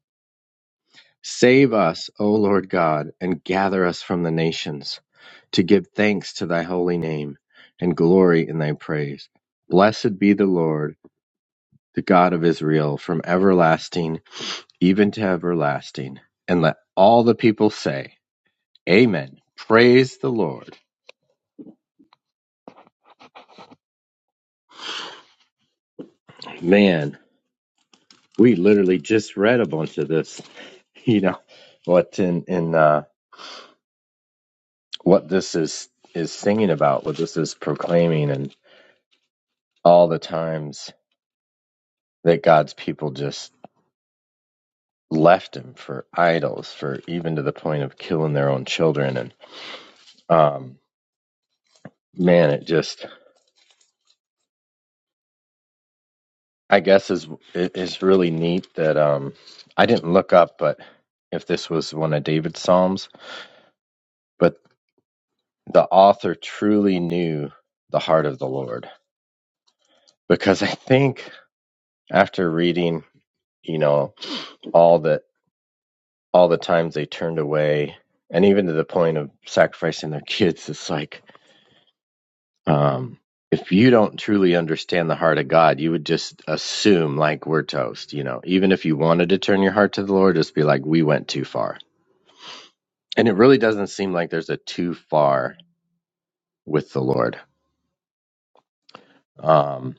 G: Save us, O Lord God, and gather us from the nations, to give thanks to thy holy name and glory in thy praise. Blessed be the Lord, the God of Israel, from everlasting even to everlasting. And let all the people say, Amen. Praise the Lord. Man, we literally just read a bunch of this. You know what in in uh, what this is is singing about, what this is proclaiming, and all the times that God's people just left Him for idols, for even to the point of killing their own children. And um, man, it just I guess is it is really neat that um, I didn't look up, but if this was one of David's psalms. but. the author truly knew the heart of the Lord because I think after reading, you know, all the all the times they turned away and even to the point of sacrificing their kids, it's like um if you don't truly understand the heart of God, you would just assume like we're toast, you know. Even if you wanted to turn your heart to the Lord, just be like we went too far. And it really doesn't seem like there's a too far with the Lord. Um,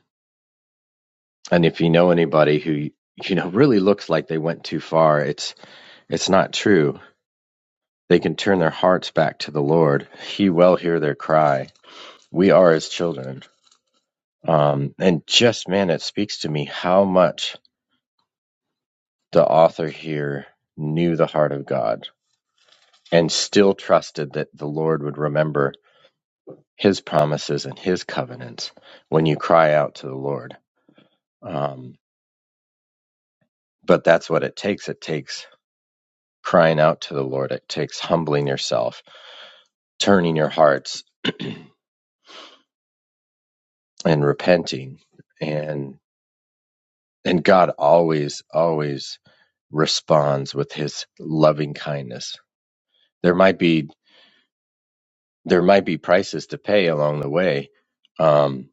G: And if you know anybody who you know really looks like they went too far, it's it's not true. They can turn their hearts back to the Lord. He will hear their cry. We are his children. Um, and just man, it speaks to me how much the author here knew the heart of God and still trusted that the Lord would remember his promises and his covenants when you cry out to the Lord. Um, but that's what it takes. It takes crying out to the Lord. It takes humbling yourself turning your hearts and repenting and and God always always responds with his loving kindness. There might be there might be prices to pay along the way, um,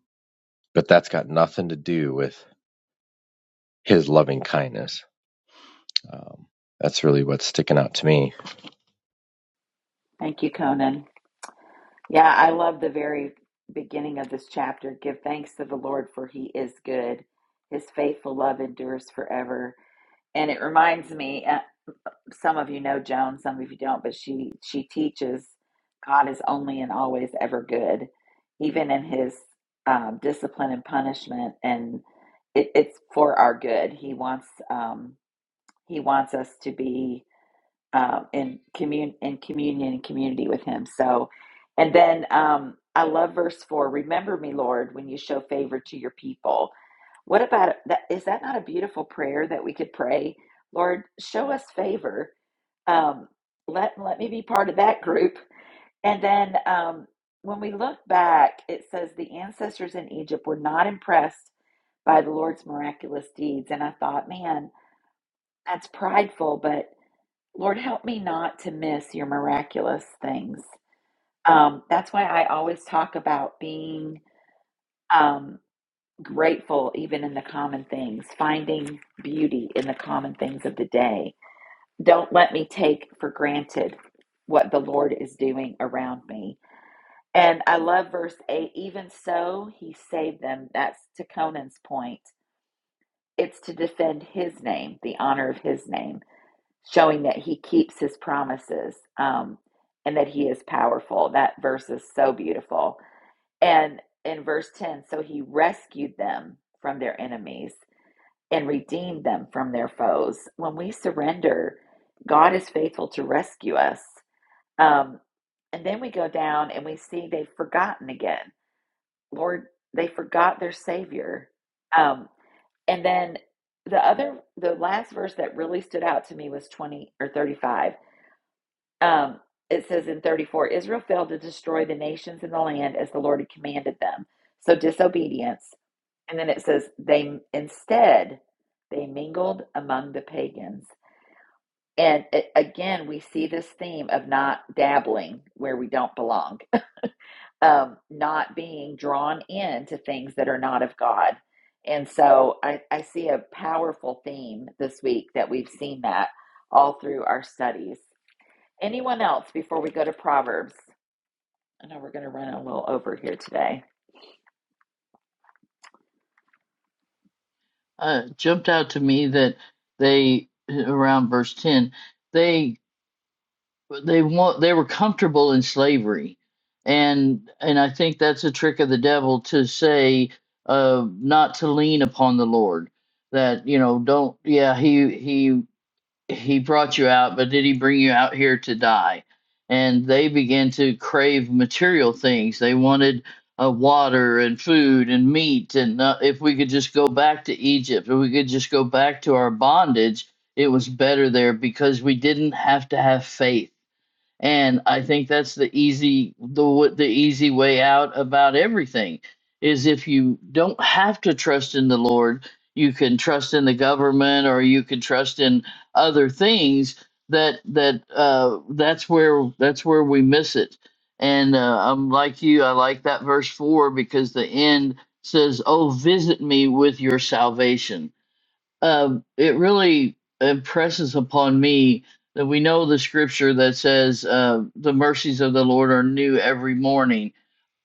G: but that's got nothing to do with his loving kindness. Um, that's really what's sticking out to me.
A: Thank you, Conan. Yeah, I love the very beginning of this chapter. Give thanks to the Lord, for he is good. His faithful love endures forever. And it reminds me, uh, some of you know Joan, some of you don't, but she she teaches God is only and always ever good, even in his um, discipline and punishment. And it, it's for our good. He wants um, he wants us to be um, in commun in communion and community with Him. So, and then um, I love verse four. Remember me, Lord, when you show favor to your people. What about that? Is that not a beautiful prayer that we could pray? Lord, show us favor. Um, let let me be part of that group. And then um, when we look back, it says the ancestors in Egypt were not impressed by the Lord's miraculous deeds. And I thought, man, that's prideful, but Lord, help me not to miss your miraculous things. Um, that's why I always talk about being um, grateful, even in the common things, finding beauty in the common things of the day. Don't let me take for granted what the Lord is doing around me. And I love verse 8 even so, he saved them. That's to Conan's point. It's to defend his name, the honor of his name. showing that he keeps his promises um, and that he is powerful. That verse is so beautiful. And in verse 10, so he rescued them from their enemies and redeemed them from their foes. When we surrender, God is faithful to rescue us. Um, and then we go down and we see they've forgotten again. Lord, they forgot their Savior. Um, and then the other, the last verse that really stood out to me was 20 or 35 um, it says in 34 Israel failed to destroy the nations in the land as the Lord had commanded them. So disobedience. And then it says, they instead, they mingled among the pagans. And it, again, we see this theme of not dabbling where we don't belong, um, not being drawn into things that are not of God. And so I, I see a powerful theme this week that we've seen that all through our studies. Anyone else before we go to Proverbs? I know we're going to run a little over here today.
C: Uh, jumped out to me that they around verse ten they but they want they were comfortable in slavery and and i think that's a trick of the devil to say uh not to lean upon the lord that you know don't yeah he he he brought you out but did he bring you out here to die and they began to crave material things they wanted uh, water and food and meat and uh, if we could just go back to egypt if we could just go back to our bondage it was better there because we didn't have to have faith and I think that's the easy the w- the easy way out about everything is if you don't have to trust in the Lord, you can trust in the government or you can trust in other things that that uh, that's where that's where we miss it. And uh, I'm like you, I like that verse four because the end says, "Oh, visit me with your salvation." uh, it really impresses upon me that we know the scripture that says uh, the mercies of the Lord are new every morning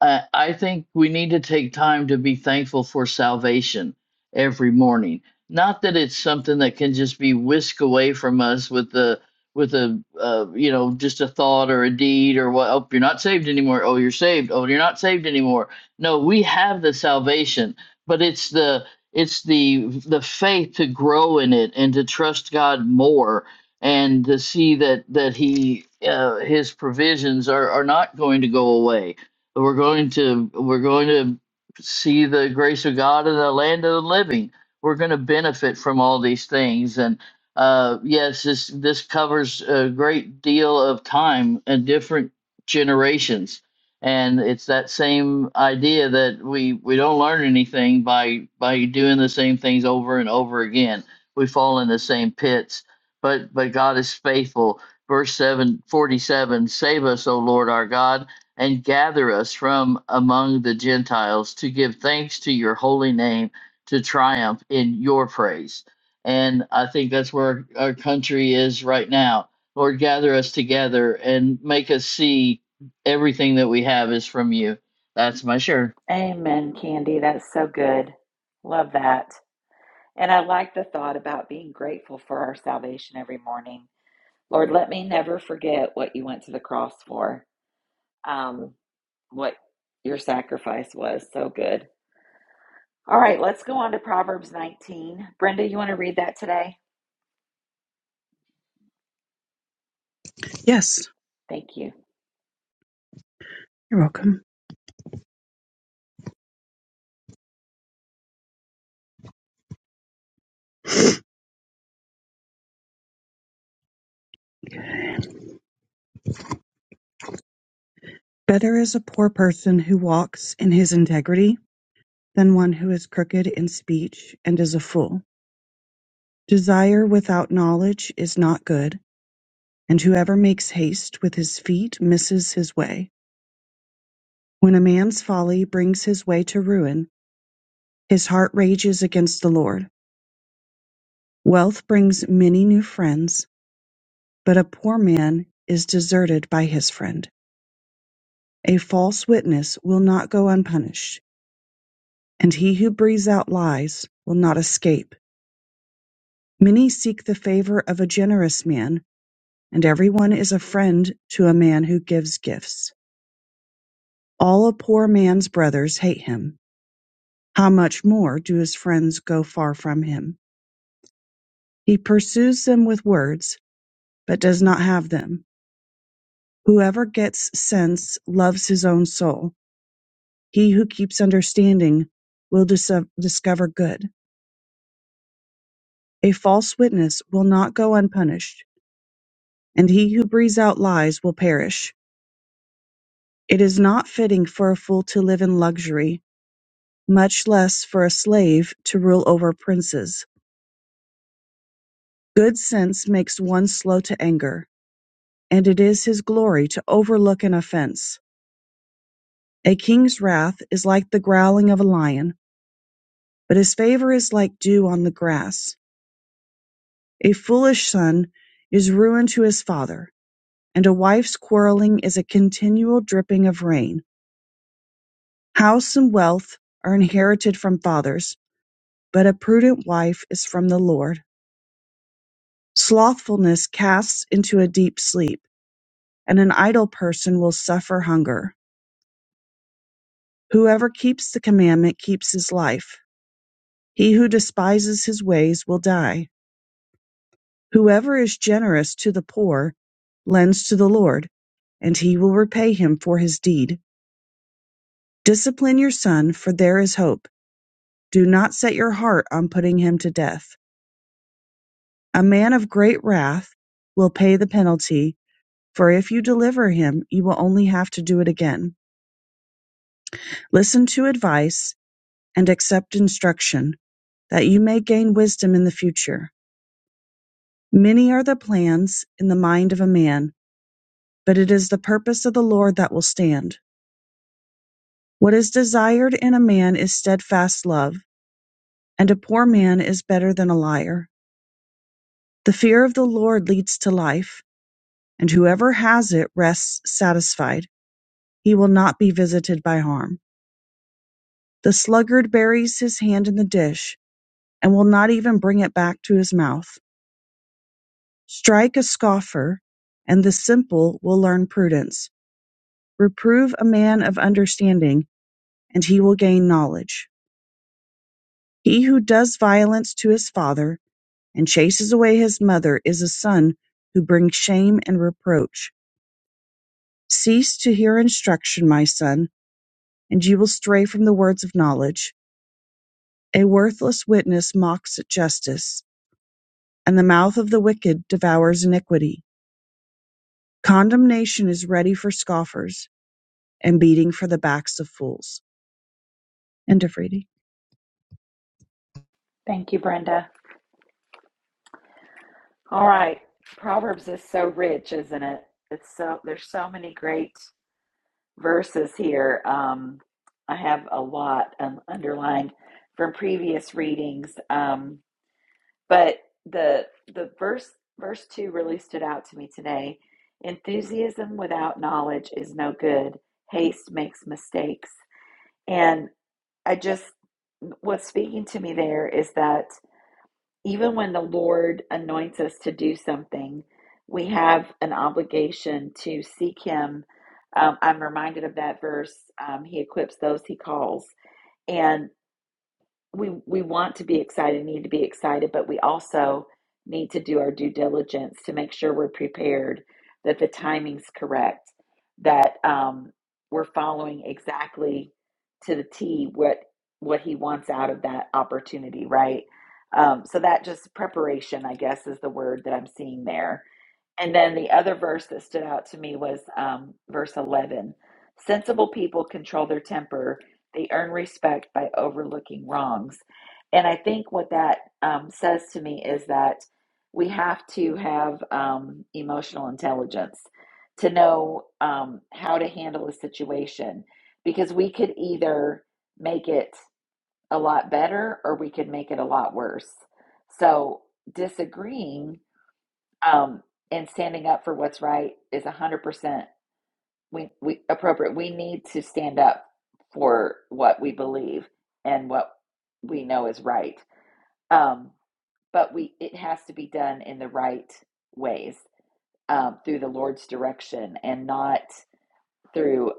C: uh, I think we need to take time to be thankful for salvation every morning. Not that it's something that can just be whisked away from us with the with a uh, you know just a thought or a deed or what. Oh, you're not saved anymore. Oh, you're saved. Oh, you're not saved anymore. No, we have the salvation, but it's the it's the the faith to grow in it and to trust God more and to see that that He uh, His provisions are are not going to go away we're going to we're going to see the grace of God in the land of the living. We're going to benefit from all these things, and uh, yes, this this covers a great deal of time and different generations. And it's that same idea that we we don't learn anything by by doing the same things over and over again. We fall in the same pits, but but God is faithful. Verse 7 47. Save us, O Lord our God and gather us from among the Gentiles to give thanks to your holy name to triumph in your praise. And I think that's where our country is right now. Lord, gather us together and make us see everything that we have is from you. That's my share.
A: Amen, Candy. That's so good. Love that. And I like the thought about being grateful for our salvation every morning. Lord, let me never forget what you went to the cross for, um, what your sacrifice was. So good. All right, let's go on to Proverbs 19. Brenda, you want to read that today?
H: Yes,
A: Thank you.
H: you're welcome. Better is a poor person who walks in his integrity than one who is crooked in speech and is a fool. Desire without knowledge is not good, and whoever makes haste with his feet misses his way. When a man's folly brings his way to ruin, his heart rages against the Lord. Wealth brings many new friends, but a poor man is deserted by his friend. A false witness will not go unpunished and he who breathes out lies will not escape. Many seek the favor of a generous man, and everyone is a friend to a man who gives gifts. All a poor man's brothers hate him. How much more do his friends go far from him? He pursues them with words, but does not have them. Whoever gets sense loves his own soul. He who keeps understanding will dis- discover good. A false witness will not go unpunished and he who breathes out lies will perish. It is not fitting for a fool to live in luxury, much less for a slave to rule over princes. Good sense makes one slow to anger, and it is his glory to overlook an offense. A king's wrath is like the growling of a lion, but his favor is like dew on the grass. A foolish son is ruin to his father, and a wife's quarreling is a continual dripping of rain. House and wealth are inherited from fathers, But a prudent wife is from the Lord. Slothfulness casts into a deep sleep, and an idle person will suffer hunger. Whoever keeps the commandment keeps his life. He who despises his ways will die. Whoever is generous to the poor lends to the Lord, and he will repay him for his deed. Discipline your son, for there is hope. Do not set your heart on putting him to death. A man of great wrath will pay the penalty For if you deliver him, you will only have to do it again. Listen to advice and accept instruction, that you may gain wisdom in the future. Many are the plans in the mind of a man, but it is the purpose of the Lord that will stand. What is desired in a man is steadfast love, and a poor man is better than a liar. The fear of the Lord leads to life, and whoever has it rests satisfied. He will not be visited by harm. The sluggard buries his hand in the dish and will not even bring it back to his mouth. Strike a scoffer, and the simple will learn prudence. Reprove a man of understanding, and he will gain knowledge. He who does violence to his father and chases away his mother is a son who brings shame and reproach. Cease to hear instruction, my son, and you will stray from the words of knowledge. A worthless witness mocks at justice, and the mouth of the wicked devours iniquity. Condemnation is ready for scoffers, and beating for the backs of fools. End of reading.
A: Thank you, Brenda. All right. Proverbs is so rich, isn't it? It's so there's so many great verses here. Um, I have a lot um, underlined from previous readings, um, but the the verse verse two really stood out to me today. Enthusiasm without knowledge is no good. Haste makes mistakes, and I just what's speaking to me there is that even when the Lord anoints us to do something, we have an obligation to seek Him. Um, I'm reminded of that verse um, He equips those He calls. and we we want to be excited, need to be excited, but we also need to do our due diligence to make sure we're prepared, that the timing's correct, that um, we're following exactly to the T what what he wants out of that opportunity, right? Um, so that just preparation, I guess, is the word that I'm seeing there. And then the other verse that stood out to me was um, verse 11. Sensible people control their temper, they earn respect by overlooking wrongs. And I think what that um, says to me is that we have to have um, emotional intelligence to know um, how to handle a situation because we could either make it a lot better or we could make it a lot worse. So disagreeing um, and standing up for what's right is 100% we, we, appropriate. We need to stand up for what we believe and what we know is right. Um, but we it has to be done in the right ways um, through the Lord's direction and not through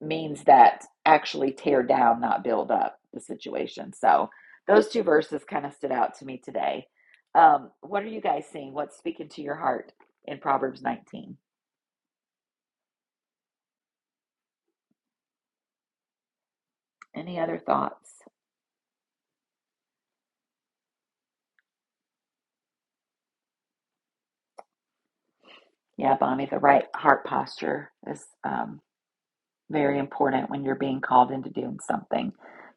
A: means that actually tear down, not build up the situation. So those two verses kind of stood out to me today. Um, what are you guys seeing? What's speaking to your heart in Proverbs 19? Any other thoughts? Yeah, Bonnie, the right heart posture is um, very important when you're being called into doing something.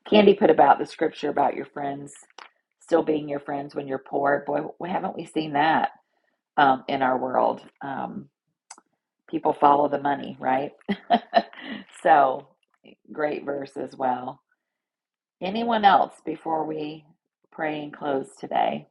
A: Candy put about the scripture about your friends still being your friends when you're poor. Boy, why haven't we seen that um, in our world? Um, people follow the money, right? so great verse as well. Anyone else before we pray and close today?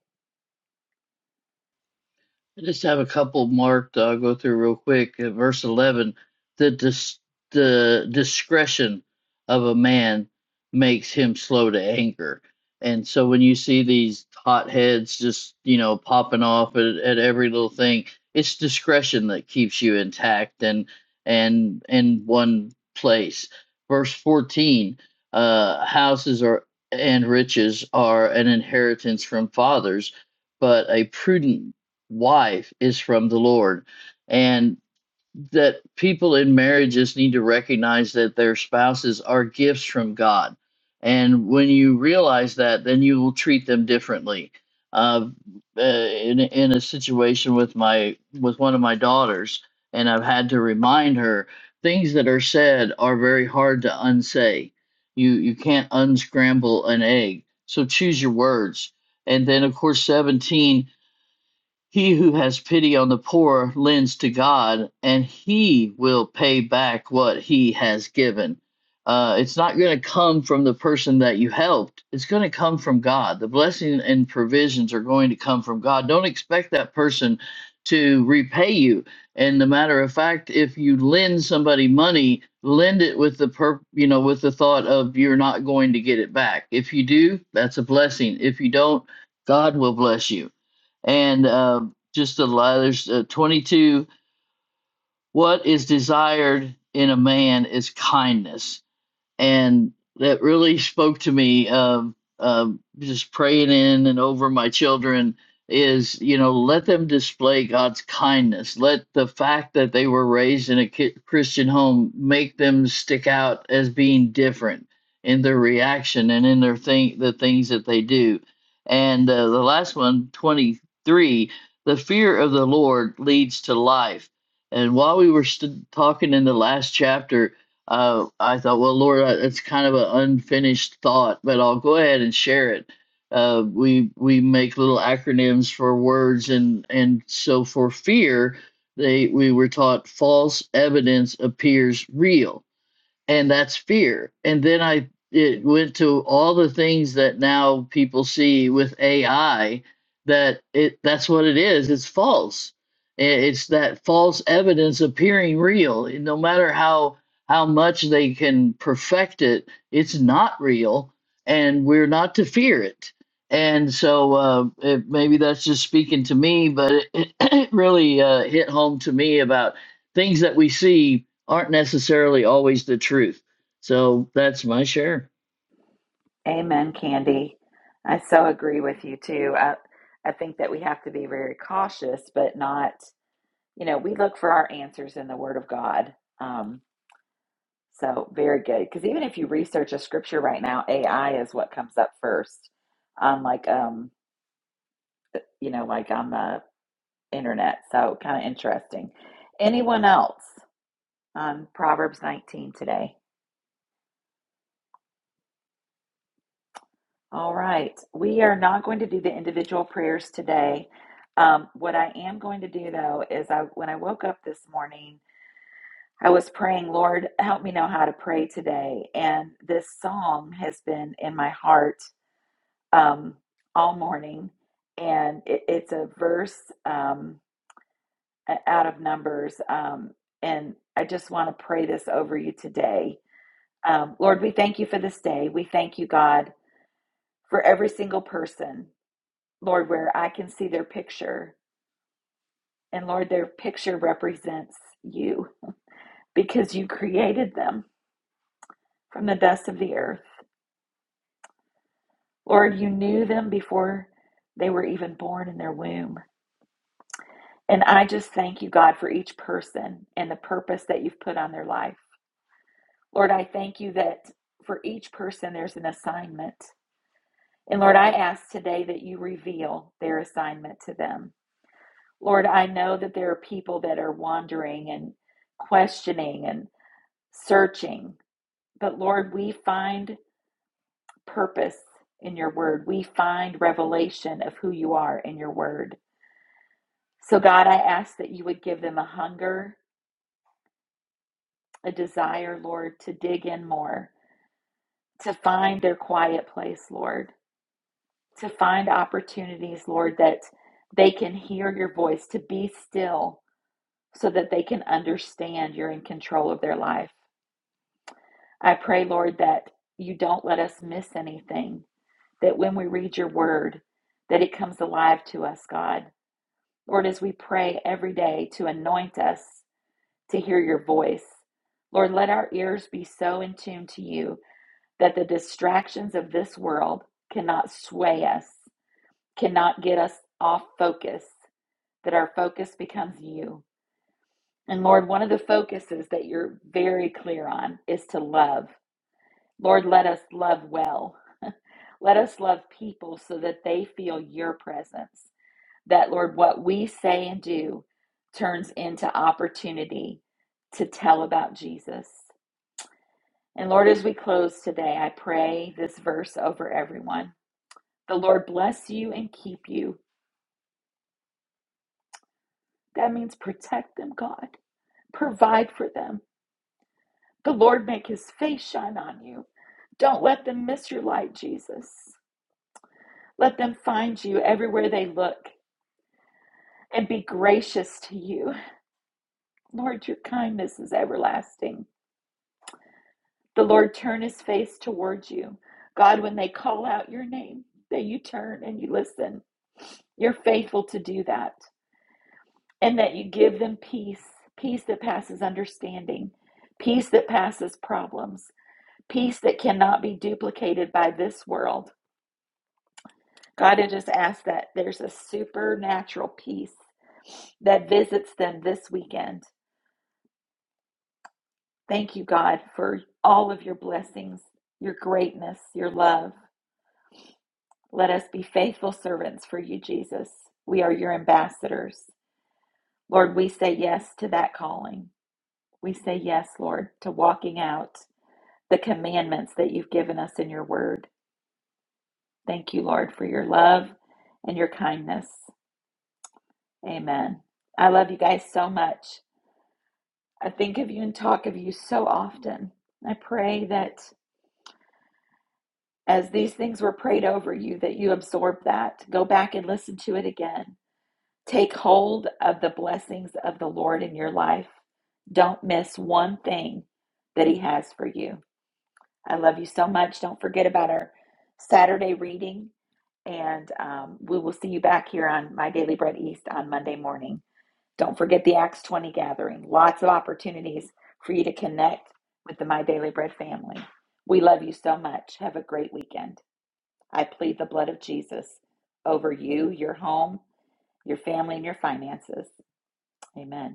C: I just have a couple marked. that I'll go through real quick. At verse eleven, the dis- the discretion of a man makes him slow to anger, and so when you see these hot heads just you know popping off at, at every little thing, it's discretion that keeps you intact and and in one place. Verse fourteen, uh, houses are and riches are an inheritance from fathers, but a prudent wife is from the Lord, and that people in marriages need to recognize that their spouses are gifts from God. And when you realize that, then you will treat them differently. Uh, uh, in in a situation with my with one of my daughters, and I've had to remind her things that are said are very hard to unsay. You you can't unscramble an egg. So choose your words. And then of course 17 he who has pity on the poor lends to God, and He will pay back what He has given. Uh, it's not going to come from the person that you helped. It's going to come from God. The blessing and provisions are going to come from God. Don't expect that person to repay you. And the matter of fact, if you lend somebody money, lend it with the per, you know, with the thought of you're not going to get it back. If you do, that's a blessing. If you don't, God will bless you and uh, just a lot. There's uh, 22. What is desired in a man is kindness and that really spoke to me of of just praying in and over my children is you know let them display God's kindness let the fact that they were raised in a ki- Christian home make them stick out as being different in their reaction and in their thing the things that they do and uh, the last one, twenty three, the fear of the Lord leads to life and while we were st- talking in the last chapter uh, I thought, well, Lord, it's kind of an unfinished thought, but I'll go ahead and share it. Uh, we we make little acronyms for words, and and so for fear, they we were taught false evidence appears real and that's fear. And then I it went to all the things that now people see with AI that it that's what it is. It's false. It's that false evidence appearing real. No matter how how much they can perfect it, it's not real, and we're not to fear it. And so uh, it, maybe that's just speaking to me, but it, it really uh, hit home to me about things that we see aren't necessarily always the truth. So that's my share.
A: Amen, Candy. I so agree with you too. I, I think that we have to be very cautious, but not, you know, we look for our answers in the Word of God. Um, so very good. Because even if you research a scripture right now, AI is what comes up first on like, um, you know, like on the internet. So kind of interesting. Anyone else on Proverbs 19 today? All right. We are not going to do the individual prayers today. Um, what I am going to do though is I when I woke up this morning, I was praying, Lord, help me know how to pray today. And this song has been in my heart um, all morning. And it, it's a verse um, out of Numbers. Um, and I just want to pray this over you today. Um, Lord, we thank you for this day. We thank you, God, for every single person. Lord, where I can see their picture. And Lord, their picture represents you because you created them from the dust of the earth. Lord, you knew them before they were even born in their womb. And I just thank you, God, for each person and the purpose that you've put on their life. Lord, I thank you that for each person there's an assignment. And Lord, I ask today that you reveal their assignment to them. Lord, I know that there are people that are wandering and questioning and searching. But Lord, we find purpose in your word. We find revelation of who you are in your word. So, God, I ask that you would give them a hunger, a desire, Lord, to dig in more, to find their quiet place, Lord, to find opportunities, Lord, that they can hear your voice, to be still so that they can understand you're in control of their life. I pray, Lord, that you don't let us miss anything that when we read your word, that it comes alive to us, God. Lord, as we pray every day to anoint us to hear your voice, Lord, let our ears be so in tune to you that the distractions of this world cannot sway us, cannot get us off focus, that our focus becomes you. And Lord, one of the focuses that you're very clear on is to love. Lord, let us love well. Let us love people so that they feel your presence. that, Lord, what we say and do turns into opportunity to tell about Jesus. And Lord, as we close today, I pray this verse over everyone. The Lord bless you and keep you. That means protect them, God. Provide for them. The Lord make his face shine on you. Don't let them miss your light, Jesus. Let them find you everywhere they look and be gracious to you. Lord, your kindness is everlasting. The Lord turn his face towards you. God, when they call out your name, that you turn and you listen. You're faithful to do that. And that you give them peace, peace that passes understanding, peace that passes problems, peace that cannot be duplicated by this world. God, I just ask that there's a supernatural peace that visits them this weekend. Thank you, God, for all of your blessings, your greatness, your love. Let us be faithful servants for you, Jesus. We are your ambassadors. Lord, we say yes to that calling. We say yes, Lord, to walking out the commandments that you've given us in your word. Thank you, Lord, for your love and your kindness. Amen. I love you guys so much. I think of you and talk of you so often. I pray that as these things were prayed over you, that you absorb that. Go back and listen to it again Take hold of the blessings of the Lord in your life. Don't miss one thing that He has for you. I love you so much. Don't forget about our Saturday reading, and um, we will see you back here on My Daily Bread East on Monday morning. Don't forget the Acts 20 gathering. Lots of opportunities for you to connect with the My Daily Bread family. We love you so much. Have a great weekend. I plead the blood of Jesus over you, your home, your family, and your finances. Amen.